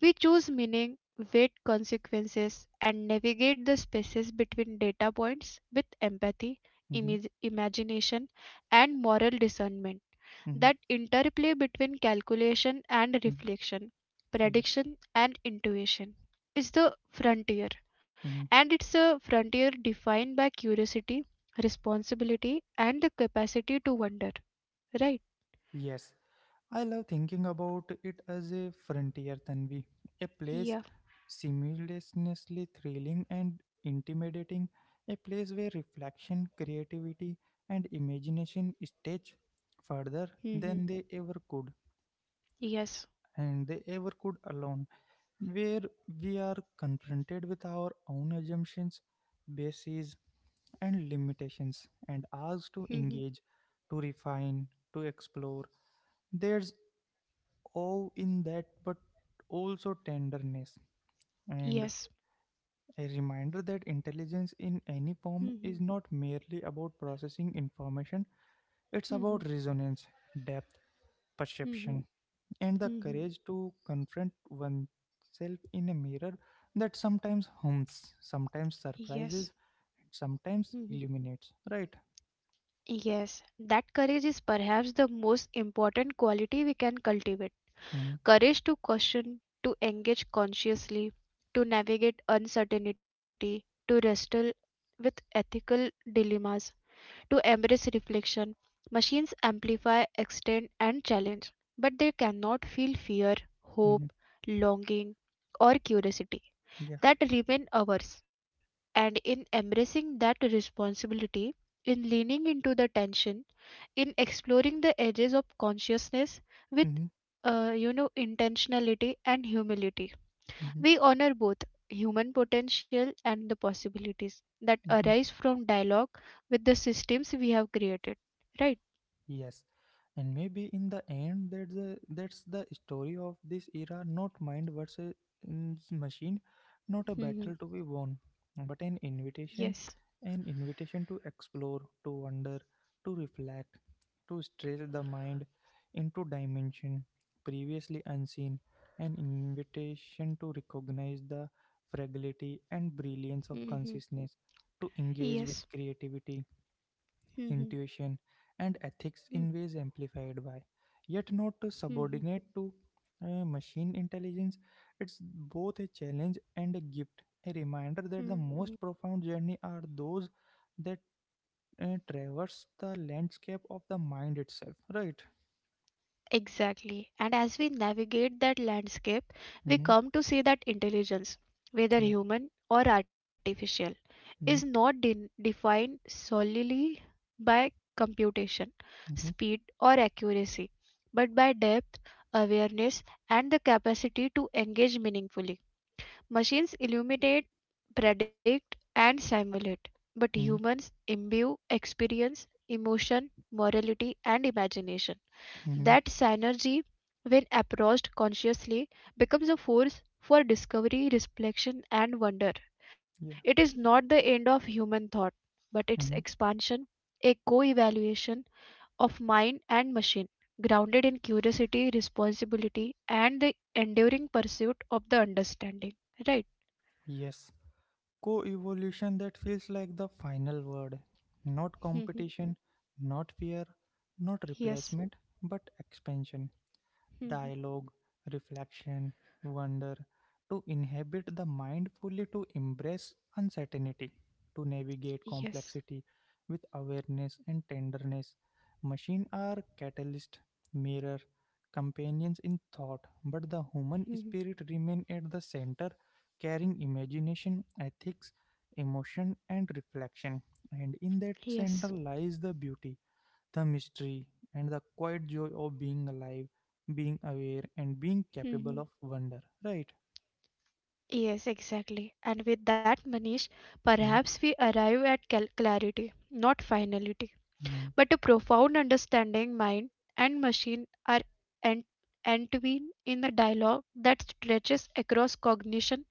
S2: We choose meaning, weight consequences, and navigate the spaces between data points with empathy,
S1: Mm-hmm.
S2: imagination, and moral discernment.
S1: Mm-hmm.
S2: That interplay between calculation and
S1: Mm-hmm.
S2: reflection,
S1: Yeah.
S2: prediction and intuition, is the frontier.
S1: Mm-hmm.
S2: And it's a frontier defined by curiosity, responsibility, and the capacity to wonder, right?
S1: Yes, I love thinking about it as a frontier, Tanvi, a place
S2: Yeah.
S1: simultaneously thrilling and intimidating, a place where reflection, creativity, and imagination stretch further
S2: Hmm.
S1: than they ever could,
S2: Yes.
S1: and they ever could alone, where we are confronted with our own assumptions, bases, and limitations, and asked to
S2: Hmm.
S1: engage, to refine, to explore. There's awe in that, but also tenderness, and
S2: Yes.
S1: a reminder that intelligence in any form
S2: Hmm.
S1: is not merely about processing information, it's about
S2: Hmm.
S1: resonance, depth, perception
S2: Hmm.
S1: and the
S2: Hmm.
S1: courage to confront oneself in a mirror that sometimes hums, sometimes
S2: Yes.
S1: surprises, and sometimes
S2: Hmm.
S1: illuminates. Right?
S2: Yes. That courage is perhaps the most important quality we can cultivate.
S1: Mm-hmm.
S2: Courage to question, to engage consciously, to navigate uncertainty, to wrestle with ethical dilemmas, to embrace reflection. Machines amplify, extend, and challenge, but they cannot feel fear,
S1: Mm-hmm.
S2: hope, longing, or curiosity.
S1: Yeah.
S2: That remain ours. And in embracing that responsibility, in leaning into the tension, in exploring the edges of consciousness with,
S1: Mm-hmm.
S2: intentionality and humility,
S1: Mm-hmm.
S2: we honor both human potential and the possibilities that
S1: Mm-hmm.
S2: arise from dialogue with the systems we have created. Right?
S1: Yes, and maybe in the end, that's the story of this era. Not mind versus machine, not a
S2: Mhm.
S1: battle to be won, but
S2: Yes.
S1: an invitation to explore, to wonder, to reflect, to stretch the mind into dimension previously unseen, an invitation to recognize the fragility and brilliance of
S2: Mhm.
S1: consciousness, to engage
S2: Yes.
S1: with creativity
S2: Mhm.
S1: intuition, and ethics
S2: Mhm.
S1: in ways amplified by, yet not to
S2: Mhm.
S1: subordinate to machine intelligence. It's both a challenge and a gift, a reminder that the
S2: Mhm.
S1: most profound journey are those that traverse the landscape of the mind itself. Right?
S2: Exactly. And as we navigate that landscape, we
S1: Mm-hmm.
S2: come to see that intelligence,
S1: Yeah.
S2: whether human or artificial,
S1: Mm-hmm.
S2: is not defined solely by computation,
S1: Mm-hmm.
S2: speed, or accuracy, but by depth, awareness, and the capacity to engage meaningfully. Machines illuminate, predict, and simulate, but
S1: Mm-hmm.
S2: humans imbue experience, emotion, morality, and imagination.
S1: Mm-hmm.
S2: That synergy, when approached consciously, becomes a force for discovery, reflection, and wonder.
S1: Yeah.
S2: It is not the end of human thought, but its
S1: Mm-hmm.
S2: expansion, a co evaluation of mind and machine, grounded in curiosity, responsibility, and the enduring pursuit of the understanding. Right?
S1: Yes. Co-evolution that feels like the final word. Not
S2: Mhm.
S1: competition, not fear, not
S2: Yes.
S1: replacement, but expansion
S2: Mhm.
S1: dialogue, reflection, wonder, to inhabit the mind fully, to embrace uncertainty, to navigate
S2: Yes.
S1: complexity with awareness and tenderness. Machines are catalyst, mirror, companions in thought, but the human
S2: Mhm.
S1: spirit remains at the center, carrying imagination, ethics, emotion, and reflection. And in that
S2: Yes.
S1: center lies the beauty the mystery and the quiet joy of being alive, being aware, and being capable
S2: Mhm.
S1: of wonder, right?
S2: Yes, exactly. And with that, Manish, perhaps we arrive at clarity, not finality,
S1: Mm-hmm.
S2: but a profound understanding. Mind and machine are ent- entwined in a dialogue that stretches across cognition,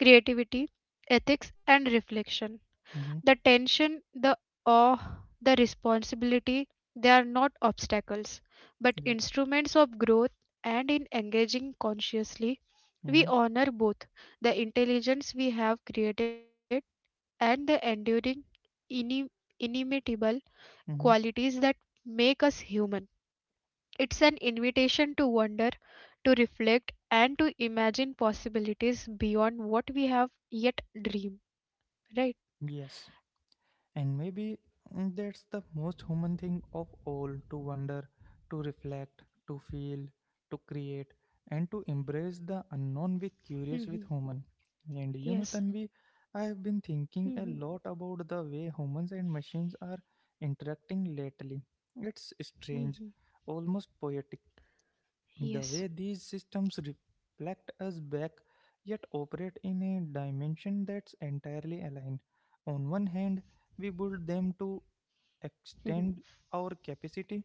S2: creativity, ethics, and reflection.
S1: Mm-hmm.
S2: The tension, the awe, the responsibility, they are not obstacles, but
S1: Yeah.
S2: instruments of growth. And in engaging consciously, we
S1: Mm-hmm.
S2: honor both the intelligence we have created and the enduring, inim- inimitable
S1: Mm-hmm.
S2: qualities that make us human. It's an invitation to wonder, to reflect, and to imagine possibilities beyond what we have yet dreamed. Right?
S1: Yes. And maybe that's the most human thing of all to wonder, to reflect, to feel, to create, and to embrace the unknown with curious with
S2: Mhm.
S1: human. And you know, Tanvi,
S2: Yes.
S1: I have been thinking
S2: Mhm.
S1: a lot about the way humans and machines are interacting lately. It's strange,
S2: Mhm.
S1: almost poetic. The way
S2: Yes.
S1: these systems reflect us back, yet operate in a dimension that's entirely aligned. On one hand, we build them
S2: Mhm.
S1: to extend our capacity,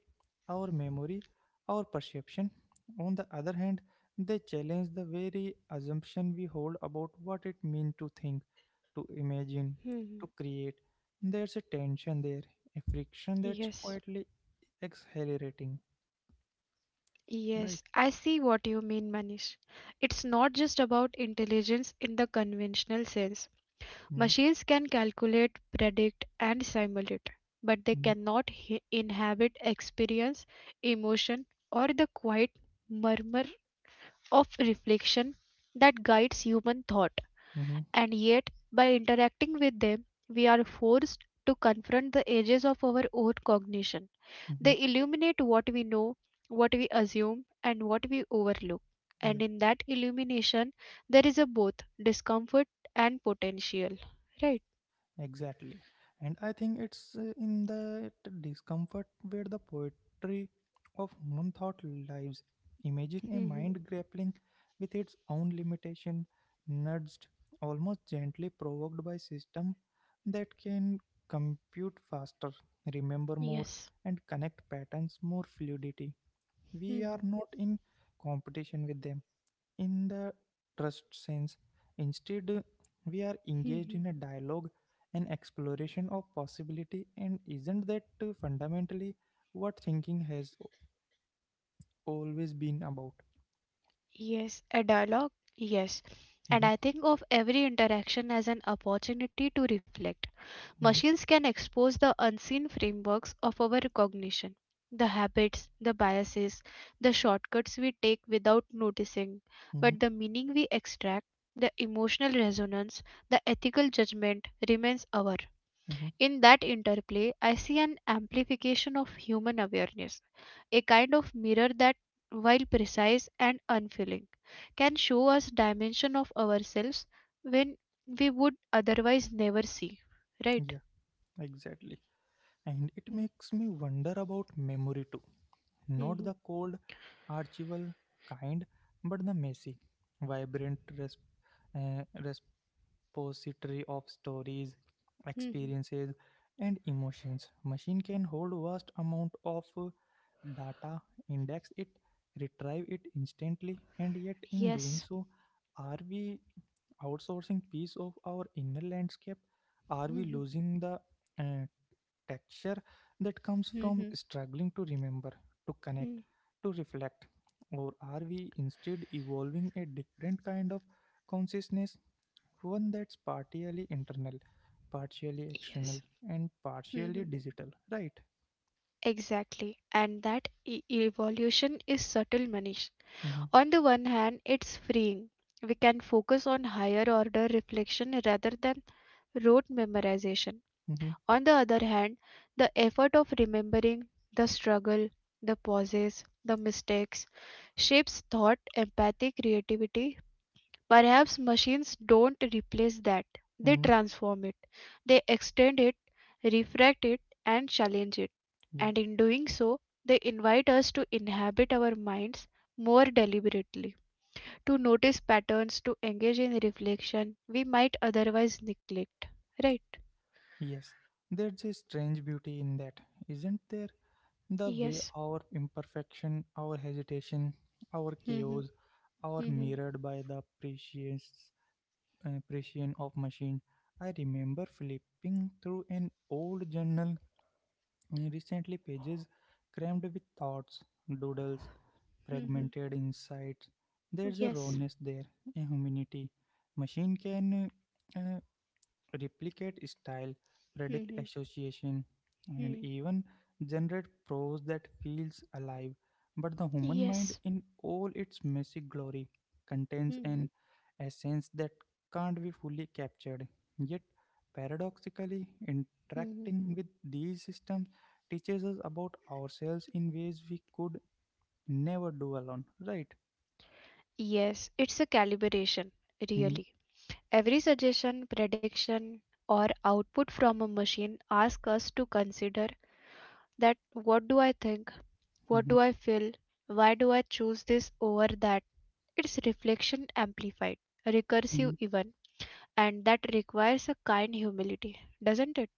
S1: our memory, our perception. On the other hand, they challenge the very assumption we hold about what it means to think, to imagine,
S2: Mhm.
S1: to create. There's a tension there, a friction that's
S2: Yes.
S1: quietly accelerating. Right.
S2: Yes, I see what you mean, Manish. It's not just about intelligence in the conventional sense.
S1: Mm-hmm.
S2: Machines can calculate, predict, and simulate, but they cannot inhabit experience, emotion, or the quiet murmur of reflection that guides human thought.
S1: Mm-hmm.
S2: And yet, by interacting with them, we are forced to confront the edges of our own cognition.
S1: Hmm.
S2: They illuminate what we know, what we assume, and what we overlook. And
S1: Yeah,
S2: in that illumination, there is a both discomfort and potential. Right?
S1: exactly. And I think it's in that discomfort where the poetry of one thought lives. Imagine a
S2: Hmm.
S1: mind grappling with its own limitation, nudged, almost gently provoked by system that can compute faster, remember more,
S2: Yes.
S1: and connect patterns more fluidity. We are
S2: Hmm.
S1: not in competition with them in the trust sense. Instead, we are engaged
S2: Hmm.
S1: in a dialogue and exploration of possibility, and isn't that fundamentally what thinking has always been about?
S2: Yes, a dialogue. Yes. And
S1: Mhm,
S2: I think of every interaction as an opportunity to reflect.
S1: mhm,
S2: Machines can expose the unseen frameworks of our cognition, the habits, the biases, the shortcuts we take without noticing,
S1: mhm,
S2: but the meaning we extract, the emotional resonance, the ethical judgment remains ours.
S1: mhm.
S2: In that interplay, I see an amplification of human awareness, a kind of mirror that, while precise and unfeeling, can show us dimension of ourselves when we would otherwise never see. Right?
S1: Yeah, exactly. And it makes me wonder about memory too. Not
S2: Mhm.
S1: the cold, archival kind, but the messy, vibrant, uh, repository of stories,
S2: Mhm.
S1: experiences, and emotions. Machine can hold vast amount of data, index it, retrieve it instantly, and yet in doing
S2: Yes.
S1: so, are we outsourcing piece of our inner landscape? Are we
S2: Mhm.
S1: losing the uh, texture that comes from
S2: Mhm.
S1: struggling to remember, to connect,
S2: Mhm.
S1: to reflect? Or are we instead evolving a different kind of consciousness one that's partially internal, partially
S2: Yes.
S1: external, and
S2: Mhm.
S1: partially digital, right?
S2: Exactly. And that evolution is subtle, Manish.
S1: Mm-hmm,
S2: On the one hand, it's freeing. We can focus on higher order reflection rather than rote memorization.
S1: mm-hmm,
S2: On the other hand, the effort of remembering, the struggle, the pauses, the mistakes shapes thought, empathy, creativity. Perhaps machines don't replace that. They
S1: mm-hmm,
S2: transform it. They extend it, refract it, and challenge it.
S1: yeah,
S2: And in doing so, they invite us to inhabit our minds more deliberately, to notice patterns, to engage in reflection we might otherwise neglect. Right?
S1: yes. There's a strange beauty in that, isn't there? The way
S2: Yes.
S1: our imperfection, our hesitation, our
S2: Hmm.
S1: chaos are
S2: Hmm.
S1: mirrored by the precious precision of machine. I remember flipping through an old journal and recently, pages crammed with thoughts, doodles,
S2: Hmm.
S1: fragmented insights. There's a
S2: Yes.
S1: rawness there, a humanity. Machine can uh, replicate style, predict
S2: Hmm.
S1: association, and
S2: Hmm.
S1: even generate prose that feels alive. But the human mind,
S2: Yes.
S1: in all its messy glory, contains
S2: Hmm.
S1: an essence that can't be fully captured. Yet, paradoxically,
S2: Hmm.
S1: interacting with these systems teaches us about ourselves in ways we could never do alone, right?
S2: Yes, it's a calibration,
S1: Mm-hmm,
S2: really. Every suggestion, prediction, or output from a machine asks us to consider that, what do I think, what
S1: mm-hmm,
S2: do I feel, why do I choose this over that. It's reflection amplified, recursive
S1: mm-hmm.
S2: even, and that requires a kind humility, doesn't it?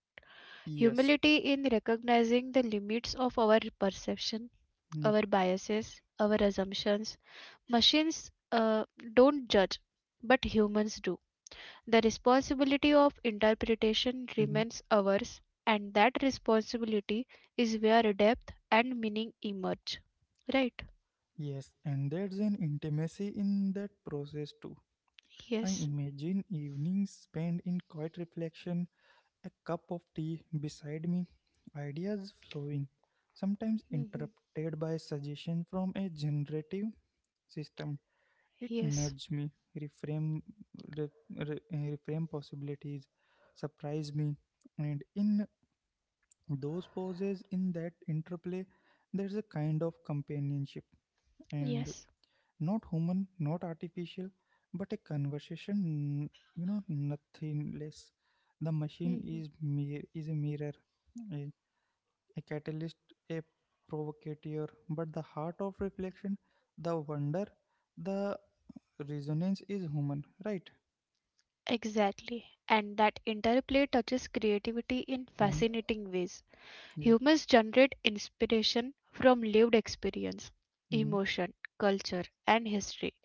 S1: Yes.
S2: Humility in recognizing the limits of our perception, our biases, our assumptions. Machines don't judge, but humans do. The responsibility of interpretation
S1: Mm-hmm.
S2: remains ours, and that responsibility is where depth and meaning emerge. Right?
S1: Yes, and there's an intimacy in that process too. I
S2: Yes.
S1: imagine evenings spent in quiet reflection, a cup of tea beside me, ideas flowing, sometimes
S2: Mhm.
S1: interrupted by suggestion from a generative system. It
S2: Yes.
S1: nudged me, reframe, re, reframe possibilities, surprise me, and in those pauses, in that interplay, there's a kind of companionship. And
S2: Yes.
S1: not human, not artificial, but a conversation, you know, nothing less. The machine
S2: Mhm.
S1: is a mirror, a, a catalyst, a provocateur, but the heart of reflection, the wonder, the resonance is human, right?
S2: Exactly. And that interplay touches creativity in
S1: Mm-hmm.
S2: fascinating ways.
S1: Yeah.
S2: Humans generate inspiration from lived experience,
S1: Mm-hmm.
S2: emotion, culture, and history.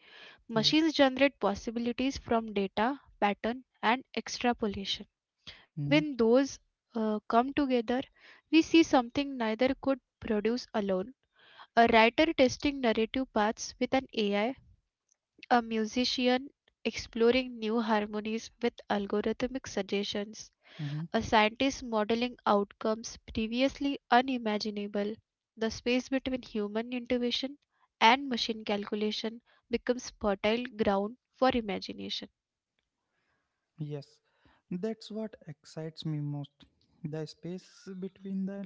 S1: Yeah.
S2: Machines generate possibilities from data, pattern, and extrapolation.
S1: Mm-hmm.
S2: When those come together, we see something neither could produce alone. A writer testing narrative paths with an AI, a musician exploring new harmonies with algorithmic suggestions,
S1: Mm-hmm.
S2: a scientist modeling outcomes previously unimaginable. The space between human intuition and machine calculation becomes fertile ground for imagination.
S1: Yes, that's what excites me most. The space between the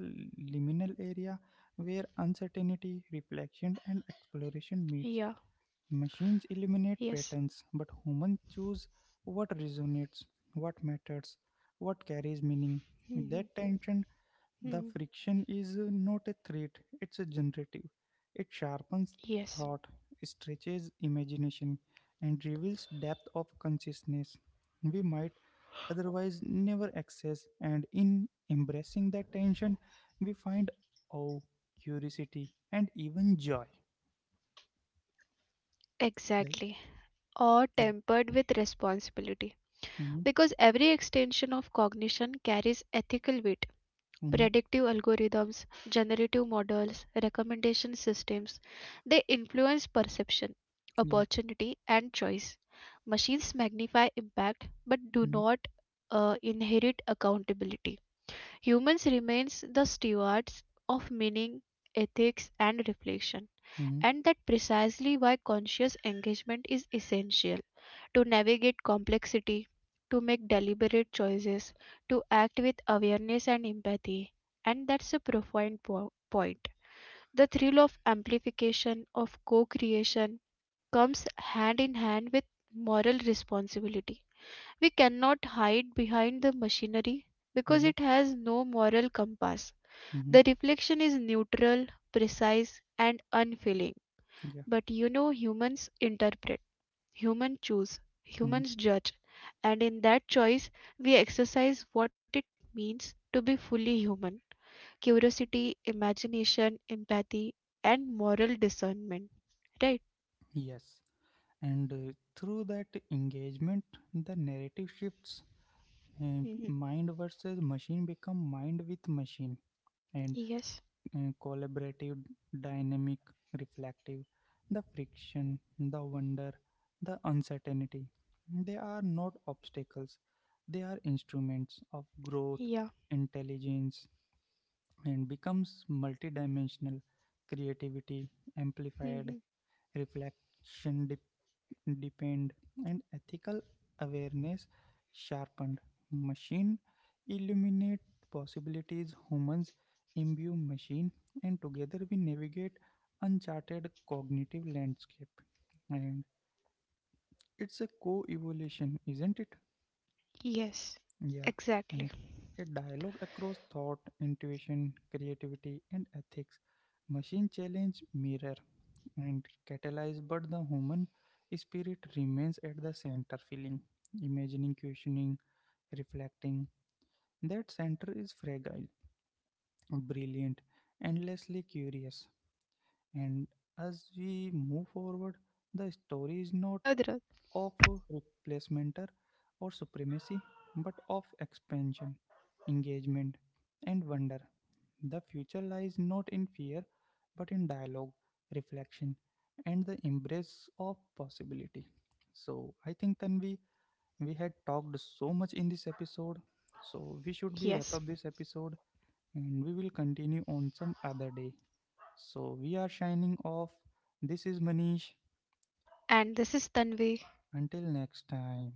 S1: liminal area where uncertainty, reflection, and
S2: Yeah,
S1: exploration meets. Machines eliminate
S2: yes.
S1: patterns, but humans choose what resonates, what matters, what carries meaning.
S2: Mhm,
S1: That tension, the
S2: mhm.
S1: friction is not a threat, it's a generative. It sharpens thought,
S2: Yes,
S1: stretches imagination, and reveals depth of consciousness we might otherwise never access and in embracing that tension we find awe curiosity and even joy right.
S2: exactly. Or tempered with responsibility,
S1: Mm-hmm,
S2: because every extension of cognition carries ethical weight.
S1: mm-hmm,
S2: Predictive algorithms, generative models, recommendation systems, they influence perception,
S1: yeah,
S2: opportunity, and choice. Machines magnify impact but do
S1: mm-hmm,
S2: not inherit accountability. Humans remains the stewards of meaning, ethics, and reflection.
S1: mm-hmm,
S2: And that precisely why conscious engagement is essential, to navigate complexity, to make deliberate choices, to act with awareness and empathy. And that's a profound point. The thrill of amplification, of co creation, comes hand in hand with moral responsibility. We cannot hide behind the machinery because
S1: mm-hmm,
S2: it has no moral compass.
S1: mm-hmm,
S2: The reflection is neutral, precise, and unfeeling,
S1: yeah,
S2: but you know, humans interpret, humans choose,
S1: mm-hmm,
S2: humans judge, and in that choice, we exercise what it means to be fully human, curiosity, imagination, empathy, and moral discernment. Right?
S1: yes and through that engagement the narrative shifts and
S2: Hmm.
S1: mind versus machine become mind with machine and
S2: Yes.
S1: collaborative, dynamic, reflective, the friction, the wonder, the uncertainty. They are not obstacles, they are instruments of growth,
S2: Yeah.
S1: intelligence, and becomes multidimensional creativity amplified
S2: Hmm.
S1: reflection deepened and ethical awareness sharpened machine illuminate possibilities humans imbue machine and together we navigate uncharted cognitive landscape and it's a co-evolution isn't it
S2: Yes.
S1: yeah, and
S2: Exactly.
S1: a dialogue across thought, intuition, creativity, and ethics. Machine challenge mirror and catalyze, but the human spirit remains at the center, feeling, imagining, questioning, reflecting. That center is fragile, brilliant, endlessly curious. And as we move forward, the story is not
S2: Rudra.
S1: of replacementer or supremacy, but of expansion, engagement, and wonder. The future lies not in fear, but in dialogue, reflection, and the embrace of possibility. So I think Tanvi, we had talked so much in this episode. So we should
S2: Yes.
S1: be wrap up this episode and we will continue on some other day. So we are signing off. This is Manish.
S2: And this is Tanvi.
S1: Until next time.